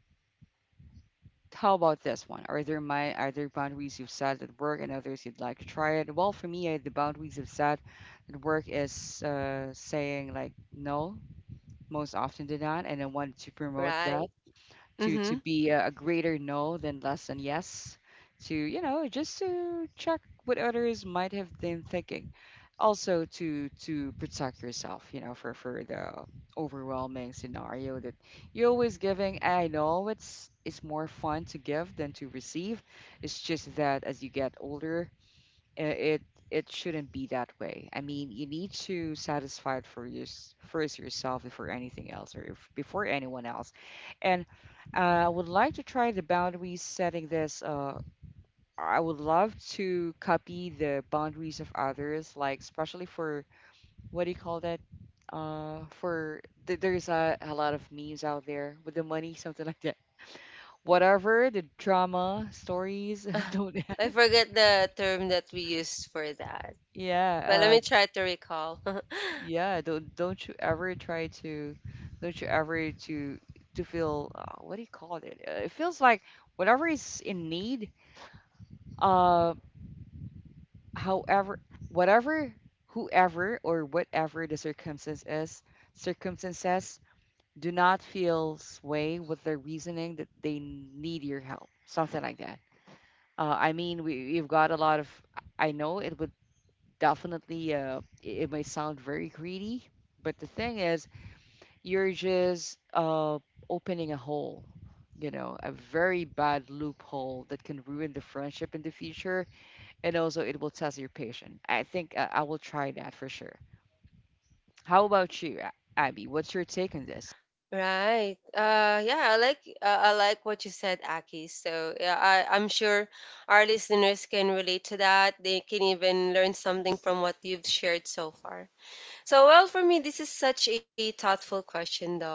Speaker 1: how about this one? Are there my are there boundaries you've set at work and others you'd like to try it? Well, for me, uh, the boundaries I've set at work is uh saying like no most often than not, and I wanted to promote
Speaker 2: Right.
Speaker 1: that, to to
Speaker 2: Mm-hmm.
Speaker 1: be a, a greater no than less than yes, to you know just to check what others might have been thinking, also to to protect yourself, you know for for the overwhelming scenario that you're always giving. And I know it's it's more fun to give than to receive. It's just that as you get older, i- it it shouldn't be that way. I mean, you need to satisfy it for your, first yourself before anything else, or if, before anyone else. And uh, I would like to try the boundaries setting this. Uh, I would love to copy the boundaries of others, like especially for what do you call that? Uh, for th- there's a, a lot of memes out there with the money, something like that. Whatever the drama stories, don't.
Speaker 2: I forget the term that we used for that. But let
Speaker 1: yeah, uh,
Speaker 2: me try to recall.
Speaker 1: Yeah, don't don't you ever try to, don't you ever to to feel, uh, what do you call it? Uh, It feels like whatever is in need, uh, however, whatever, whoever or whatever the circumstance is, circumstances do not feel sway with the reasoning that they need your help, something like that. Uh, I mean, we we've got a lot of. I know it would definitely. Uh, it it may sound very greedy, but the thing is you're just uh, opening a hole, you know, a very bad loophole that can ruin the friendship in the future. And also, it will test your patience. I think uh, I will try that for sure. How about you, A- Abby? What's your take on this?
Speaker 2: Right. Uh, yeah, I like uh, I like what you said, Aki. So yeah, I, I'm sure our listeners can relate to that. They can even learn something from what you've shared so far. So well, for me, this is such a thoughtful question, though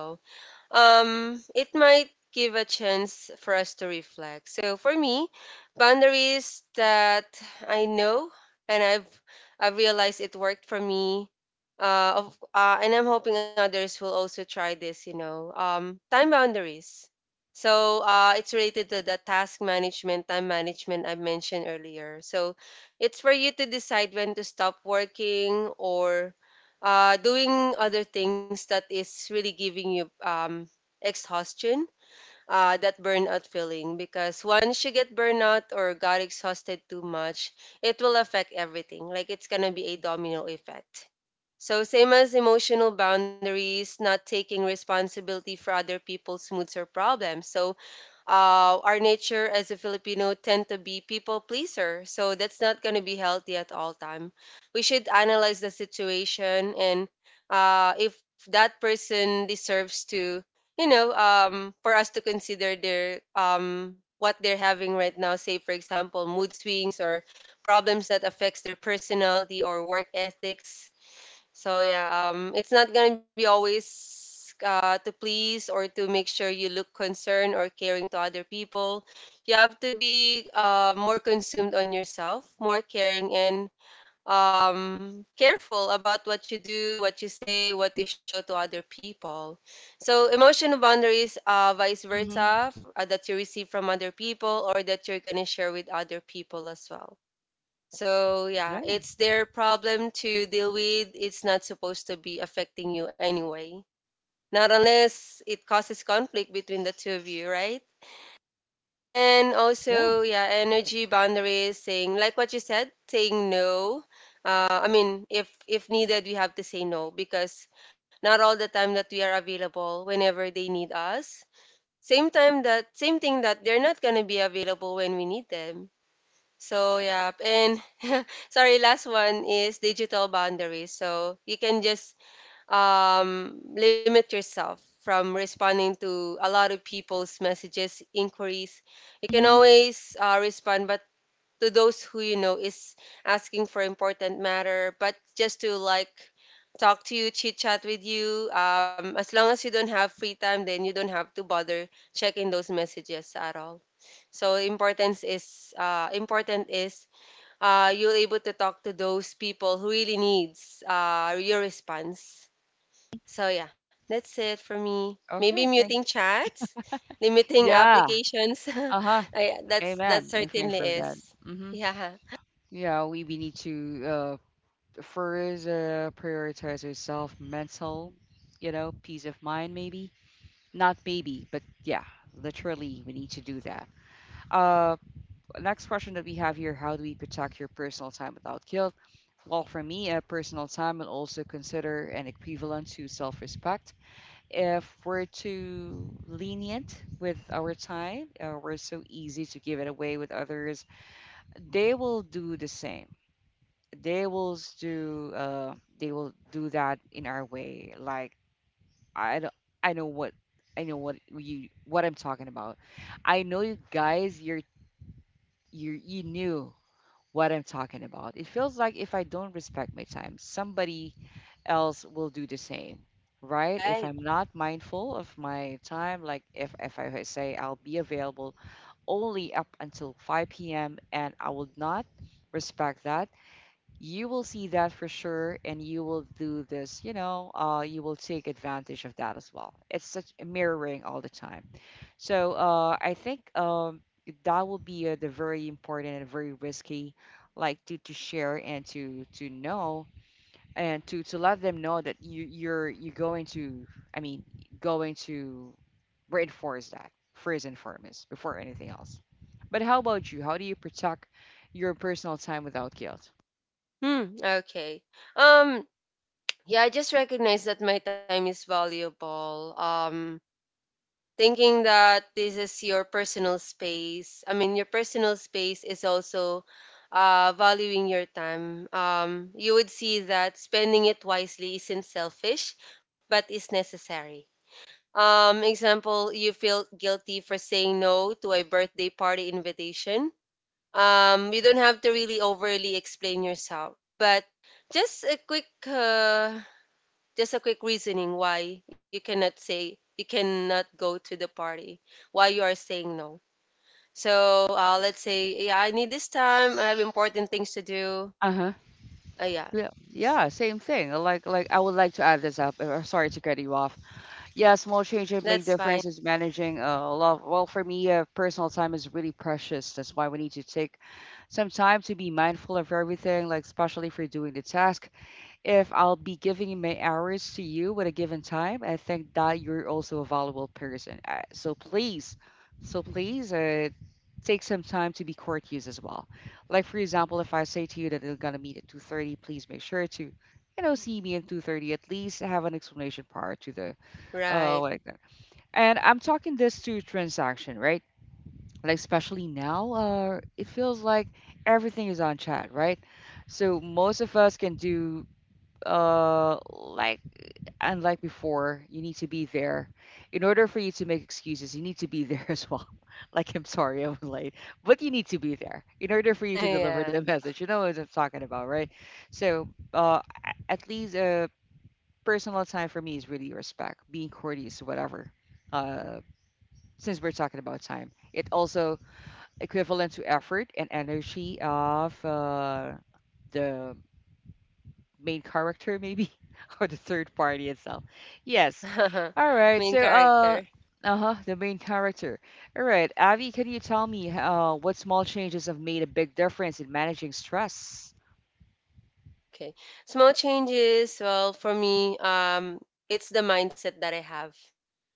Speaker 2: um, it might give a chance for us to reflect. So for me, boundaries that I know and I've I've realized it worked for me. Uh, of, uh, and I'm hoping others will also try this. You know, um, time boundaries. So uh, it's related to the task management, time management I mentioned earlier. So it's for you to decide when to stop working or uh, doing other things that is really giving you um, exhaustion, uh, that burnout feeling. Because once you get burnout or got exhausted too much, it will affect everything. Like it's gonna be a domino effect. So same as emotional boundaries, not taking responsibility for other people's moods or problems. So uh, our nature as a Filipino tend to be people pleaser. So that's not going to be healthy at all time. We should analyze the situation, and uh, if that person deserves to, you know, um, for us to consider their um, what they're having right now. Say for example, mood swings or problems that affects their personality or work ethics. So yeah, um, it's not gonna be always uh, to please or to make sure you look concerned or caring to other people. You have to be uh, more consumed on yourself, more caring and um, careful about what you do, what you say, what you show to other people. So emotional boundaries, uh, vice
Speaker 1: Mm-hmm.
Speaker 2: versa, uh, that you receive from other people or that you're gonna share with other people as well. So yeah,
Speaker 1: Yeah,
Speaker 2: it's their problem to deal with. It's not supposed to be affecting you anyway. Not unless it causes conflict between the two of you, right? And
Speaker 1: yeah.
Speaker 2: also, yeah, energy boundaries, saying like what you said, saying no. Uh, I mean, if if needed, we have to say no, because not all the time that we are available whenever they need us. Same time that same thing that they're not gonna be available when we need them. So yeah, and sorry, last one is digital boundaries. So you can just um, limit yourself from responding to a lot of people's messages, inquiries. You can
Speaker 1: Mm-hmm.
Speaker 2: always uh, respond, but to those who you know is asking for important matter, but just to like talk to you, chit chat with you. Um, as long as you don't have free time, then you don't have to bother checking those messages at all. So importance is uh, important is, uh, you're able to talk to those people who really needs uh, your response. So yeah, that's it for me. Maybe
Speaker 1: Okay,
Speaker 2: muting
Speaker 1: thank.
Speaker 2: chats, limiting
Speaker 1: Yeah.
Speaker 2: applications.
Speaker 1: Uh-huh.
Speaker 2: I, that's that
Speaker 1: Amen. Amen
Speaker 2: certainly
Speaker 1: for that.
Speaker 2: is.
Speaker 1: Mm-hmm.
Speaker 2: Yeah,
Speaker 1: Yeah, we, we need to uh first uh prioritize ourselves mental, you know, peace of mind maybe. Not maybe, but yeah, literally, we need to do that. Uh, next question that we have here: how do we protect your personal time without guilt? Well, for me, uh, personal time will also consider an equivalent to self-respect. If we're too lenient with our time, uh, we're so easy to give it away with others. They will do the same. They will s- do. Uh, they will do that in our way, like I don't, I know what I know what you what I'm talking about. I know you guys, you're you you knew what I'm talking about. It feels like if I don't respect my time, somebody else will do the same, right? If
Speaker 2: right.
Speaker 1: I'm not mindful of my time, like if if I say I'll be available only up until five p m and I will not respect that, you will see that for sure, and you will do this, you know uh, you will take advantage of that as well. It's such mirroring all the time. So, uh, I think, um, that will be uh, the very important and very risky, like to, to share and to to know, and to to let them know that you you're you're going to, I mean, going to reinforce that first and foremost before anything else. But how about you? How do you protect your personal time without guilt?
Speaker 2: Hmm. Okay. Um. Yeah, I just recognize that my time is valuable. Um thinking that this is your personal space. I mean, your personal space is also uh, valuing your time. Um, you would see that spending it wisely isn't selfish, but is necessary. Um, example, you feel guilty for saying no to a birthday party invitation. Um, you don't have to really overly explain yourself, but just a quick uh, just a quick reasoning why you cannot say you cannot go to the party, why you are saying no. So uh, let's say, yeah, I need this time, I have important things to do.
Speaker 1: Uh-huh.
Speaker 2: Uh, yeah.
Speaker 1: Yeah,
Speaker 2: S-
Speaker 1: yeah, same thing. uh, Like, like I would like to add this up. Uh, sorry to cut you off. Yeah, small changes make
Speaker 2: that's fine.
Speaker 1: differences. Managing uh, a lot. Well, for me, uh, personal time is really precious. That's why we need to take some time to be mindful of everything. Like, especially if you're doing the task, if I'll be giving my hours to you at a given time, I think that you're also a valuable person. Uh, so please, so please, uh, take some time to be courteous as well. Like for example, if I say to you that we're gonna meet at two thirty, please make sure to, you know, see me at two thirty. At least have an explanation prior to the, uh,
Speaker 2: Right.
Speaker 1: what like that. And I'm talking this to transaction, right? Like especially now, uh, it feels like everything is on chat, right? So most of us can do, uh like, unlike before, you need to be there in order for you to make excuses. You need to be there as well, like I'm sorry I'm late. But you need to be there in order for you to deliver the
Speaker 2: Yeah.
Speaker 1: message. You know what I'm talking about, right? So, uh a- at least, uh personal time for me is really respect, being courteous, whatever. uh since we're talking about time, it also equivalent to effort and energy of uh the main character maybe, or the third party itself. Yes. All right.
Speaker 2: Main
Speaker 1: So,
Speaker 2: character.
Speaker 1: uh uh-huh, the main character. All right, Avi, can you tell me uh what small changes have made a big difference in managing stress?
Speaker 2: Okay, small changes. Well, for me, um it's the mindset that I have.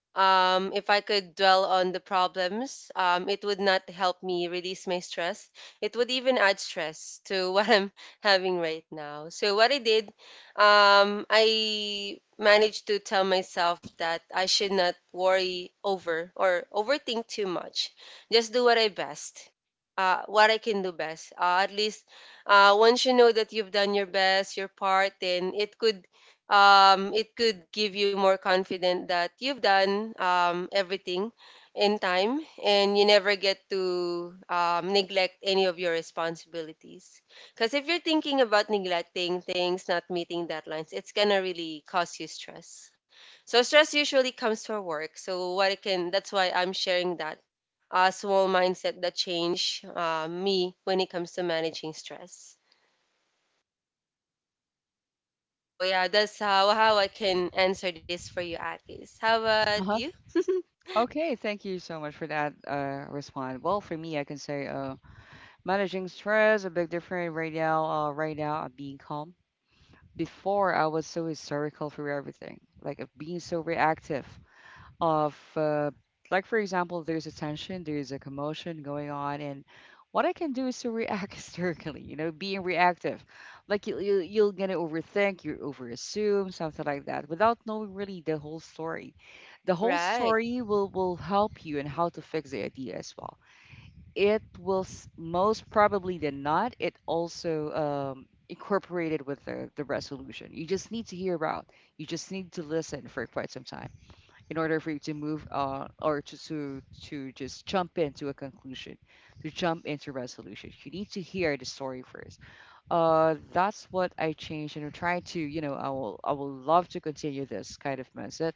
Speaker 2: um, If I could dwell on the problems, um, it would not help me release my stress. It would even add stress to what I'm having right now. So, what I did, um, I managed to tell myself that I should not worry over or overthink too much. Just do what I best. Uh, what I can do best. Uh, at least uh, once you know that you've done your best, your part, then it could um, it could give you more confident that you've done um, everything in time and you never get to um, neglect any of your responsibilities. Because if you're thinking about neglecting things, not meeting deadlines, it's gonna really cause you stress. So stress usually comes from work. So what I can, that's why I'm sharing that uh, small mindset that change uh, me when it comes to managing stress. So yeah, that's how how I can answer this for you, Akis. How about
Speaker 1: Uh-huh.
Speaker 2: you?
Speaker 1: Okay, thank you so much for that uh response. Well, for me, I can say, uh managing stress a big difference right now. Uh right now, I'm being calm. Before, I was so hysterical for everything, like of being so reactive of, uh, like for example, there's a tension, there's a commotion going on, and what I can do is to react hysterically, you know being reactive. Like you, you you're gonna overthink, you overassume something like that without knowing really the whole story. The whole
Speaker 2: Right.
Speaker 1: story will will help you in how to fix the idea as well. It will s- most probably than not, it also um incorporated with the, the resolution. You just need to hear out, you just need to listen for quite some time in order for you to move, uh, or to, to to just jump into a conclusion, to jump into resolution. You need to hear the story first. Uh, that's what I changed, and I'm trying to, you know, I will I will love to continue this kind of mindset,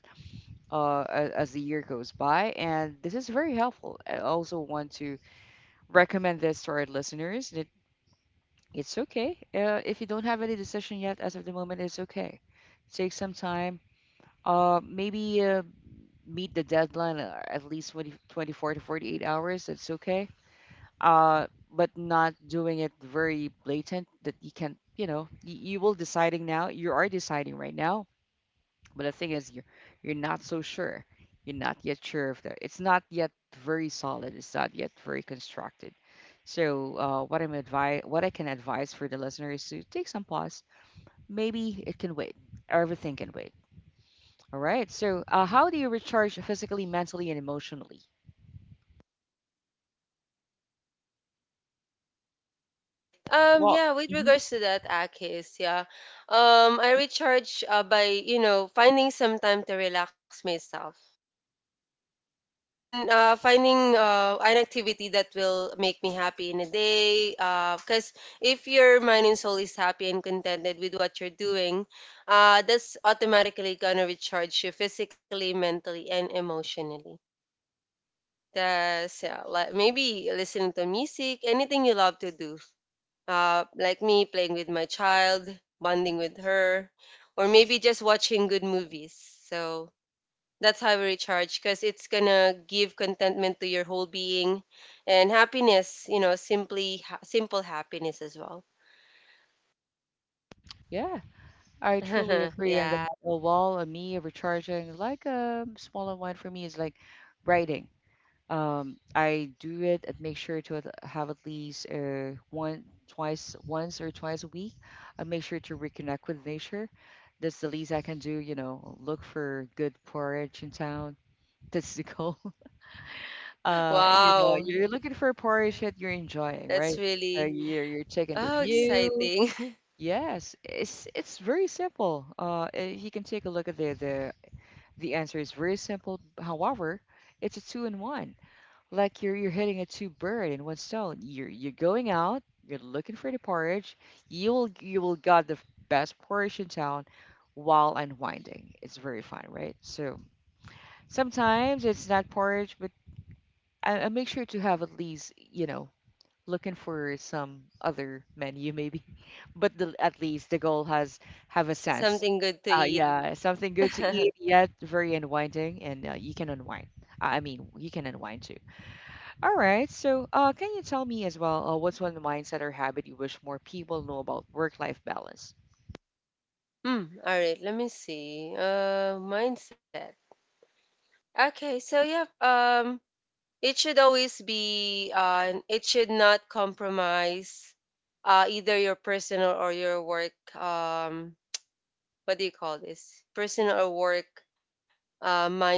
Speaker 1: uh, as, as the year goes by, and this is very helpful. I also want to recommend this to our listeners. That it's okay, uh, if you don't have any decision yet as of the moment. It's okay. Take some time. Uh, maybe uh, meet the deadline, uh, at least twenty twenty four to forty-eight hours, that's okay. Uh, but not doing it very blatant that you can, you know, you, you will deciding now. You are deciding right now, but the thing is, you're you're not so sure. You're not yet sure if that. It's not yet very solid. It's not yet very constructed. So, uh, what I'm advi- what I can advise for the listener is to take some pause. Maybe it can wait. Everything can wait. All right. So, uh, how do you recharge physically, mentally, and emotionally?
Speaker 2: Right. Um,
Speaker 1: Well,
Speaker 2: yeah, with
Speaker 1: mhm,
Speaker 2: regards to that, Akis, yeah. Um, I recharge uh, by, you know, finding some time to relax myself. And uh, finding uh, an activity that will make me happy in a day. Because if your mind and soul is happy and contented with what you're doing, uh, that's automatically going to recharge you physically, mentally, and emotionally. That's yeah, like maybe listening to music, anything you love to do. Uh, like me playing with my child, bonding with her, or maybe just watching good movies. So that's how I recharge because it's gonna give contentment to your whole being and happiness, you know, simply ha- simple happiness as well.
Speaker 1: yeah, I truly agree on that.
Speaker 2: Yeah.
Speaker 1: A wall, a me recharging, like a smaller one for me is like writing. Um, I do it and make sure to at- have at least uh, one, twice, once or twice a week. I make sure to reconnect with nature. That's the least I can do, you know, look for good porridge in town. That's the goal. Uh, you know,
Speaker 2: Wow,
Speaker 1: you're looking for porridge that you're enjoying, right?
Speaker 2: that's
Speaker 1: So
Speaker 2: really
Speaker 1: you're you're taking the
Speaker 2: oh
Speaker 1: view.
Speaker 2: exciting.
Speaker 1: Yes, it's it's very simple. Uh, eh, you can take a look at the the the answer is very simple. However, it's a two in one. Like you're you're hitting a two bird in one stone. You're you're going out. You're looking for the porridge. You'll you will got the best porridge in town while unwinding. It's very fun, right? So sometimes it's not porridge, but I, I make sure to have at least, you know, looking for some other menu maybe, but the, at least the goal has have a sense.
Speaker 2: Something good to
Speaker 1: Uh
Speaker 2: eat.
Speaker 1: yeah, something good to eat yet very unwinding, and uh, you can unwind, i I mean you can unwind too. All right, so uh can you tell me as well, uh, what's one mindset or habit you wish more people know about work life balance?
Speaker 2: Hmm. All right. Let me see. Uh, mindset. Okay. So yeah. Um, it should always be. Uh, it should not compromise. Uh, either your personal or your work. Um, what do you call this? Personal or work. Uh, mind,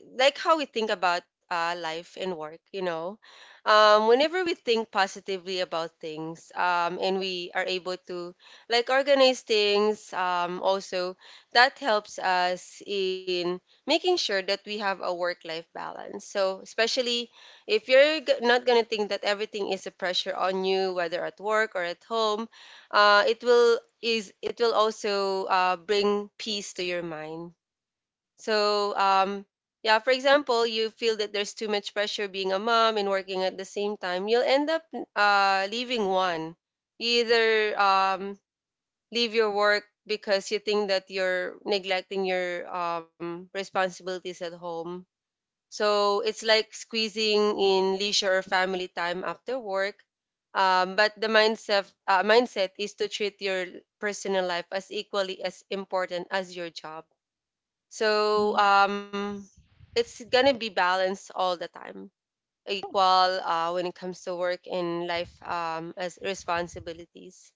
Speaker 2: like how we think about uh, life and work, you know, um, whenever we think positively about things um, and we are able to like organize things, um, also that helps us in making sure that we have a work life balance. So, especially if you're g- not going to think that everything is a pressure on you, whether at work or at home, uh, it will is it will also uh, bring peace to your mind. So, um, yeah, for example, you feel that there's too much pressure being a mom and working at the same time, you'll end up uh, leaving one. You either um, leave your work because you think that you're neglecting your um, responsibilities at home. So it's like squeezing in leisure or family time after work. Um, but the mindset, uh, mindset is to treat your personal life as equally as important as your job. so
Speaker 1: Hmm.
Speaker 2: um, it's gonna be balanced all the time, equal uh, when it comes to work and life, um, as responsibilities.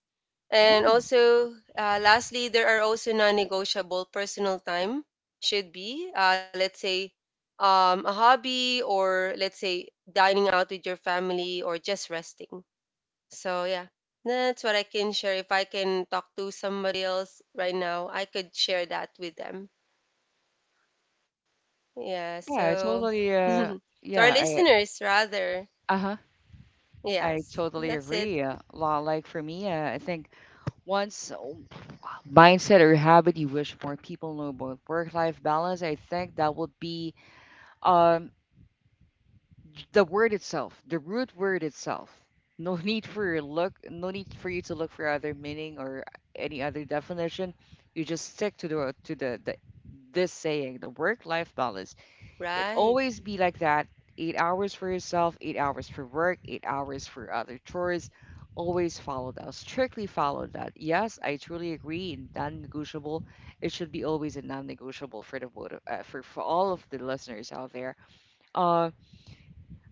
Speaker 2: And
Speaker 1: Yeah.
Speaker 2: also, uh, lastly, there are also non-negotiable personal time should be, uh, let's say, um, a hobby or let's say dining out with your family or just resting. So yeah, that's what I can share. If I can talk to somebody else right now, I could share that with them. Yeah,
Speaker 1: yeah I
Speaker 2: so
Speaker 1: totally
Speaker 2: to
Speaker 1: uh
Speaker 2: our
Speaker 1: yeah I
Speaker 2: listeners, rather,
Speaker 1: Uh-huh. I
Speaker 2: yes,
Speaker 1: totally
Speaker 2: that's it.
Speaker 1: agree. Uh, lo- like for me, uh, I think once mindset or habit you wish more people know about work life balance, I think that would be, um, the word itself, the root word itself. No need for your look, no need for you to look for other meaning or any other definition. You just stick to the to the, the this saying, the work life balance. It
Speaker 2: Right,
Speaker 1: always be like that. Eight hours for yourself, eight hours for work, eight hours for other chores. Always follow that. Strictly follow that. Yes, I truly agree. Non-negotiable. It should be always a non-negotiable for the both of, uh, for for all of the listeners out there. Uh,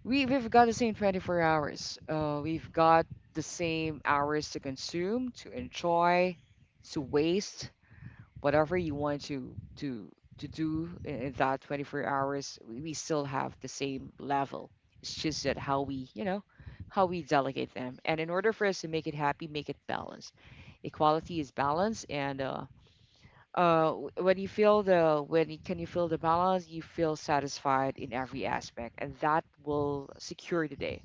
Speaker 1: we we've got the same twenty-four hours. Uh, we've got the same hours to consume, to enjoy, to waste whatever you want to to to do in, in that twenty-four hours, we, we still have the same level. It's just that how we, you know, how we delegate them, and in order for us to make it happy, make it balanced, equality is balance, and uh uh w- when you feel the when you can you feel the balance, you feel satisfied in every aspect, and that will secure the day,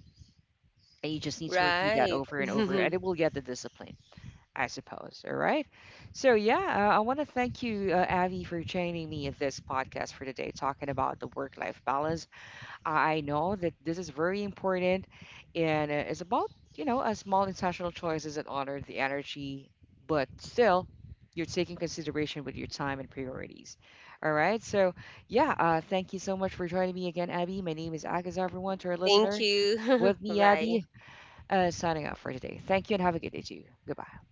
Speaker 1: and you just need to repeat that
Speaker 2: right.
Speaker 1: over and over, and it will get the discipline, I suppose. All right. So, yeah, uh, I want to thank you, uh, Abby, for joining me in this podcast for today, talking about the work life balance. I I know that this is very important, and uh, it's about, you know, a small intentional choices that honor the energy, but still, you're taking consideration with your time and priorities. All right. So, yeah, uh, thank you so much for joining me again, Abby. My name is Agus, everyone, to our
Speaker 2: Thank
Speaker 1: listener.
Speaker 2: you.
Speaker 1: With me, Abby,
Speaker 2: Bye.
Speaker 1: uh, signing off for today. Thank you and have a good day to you. Goodbye.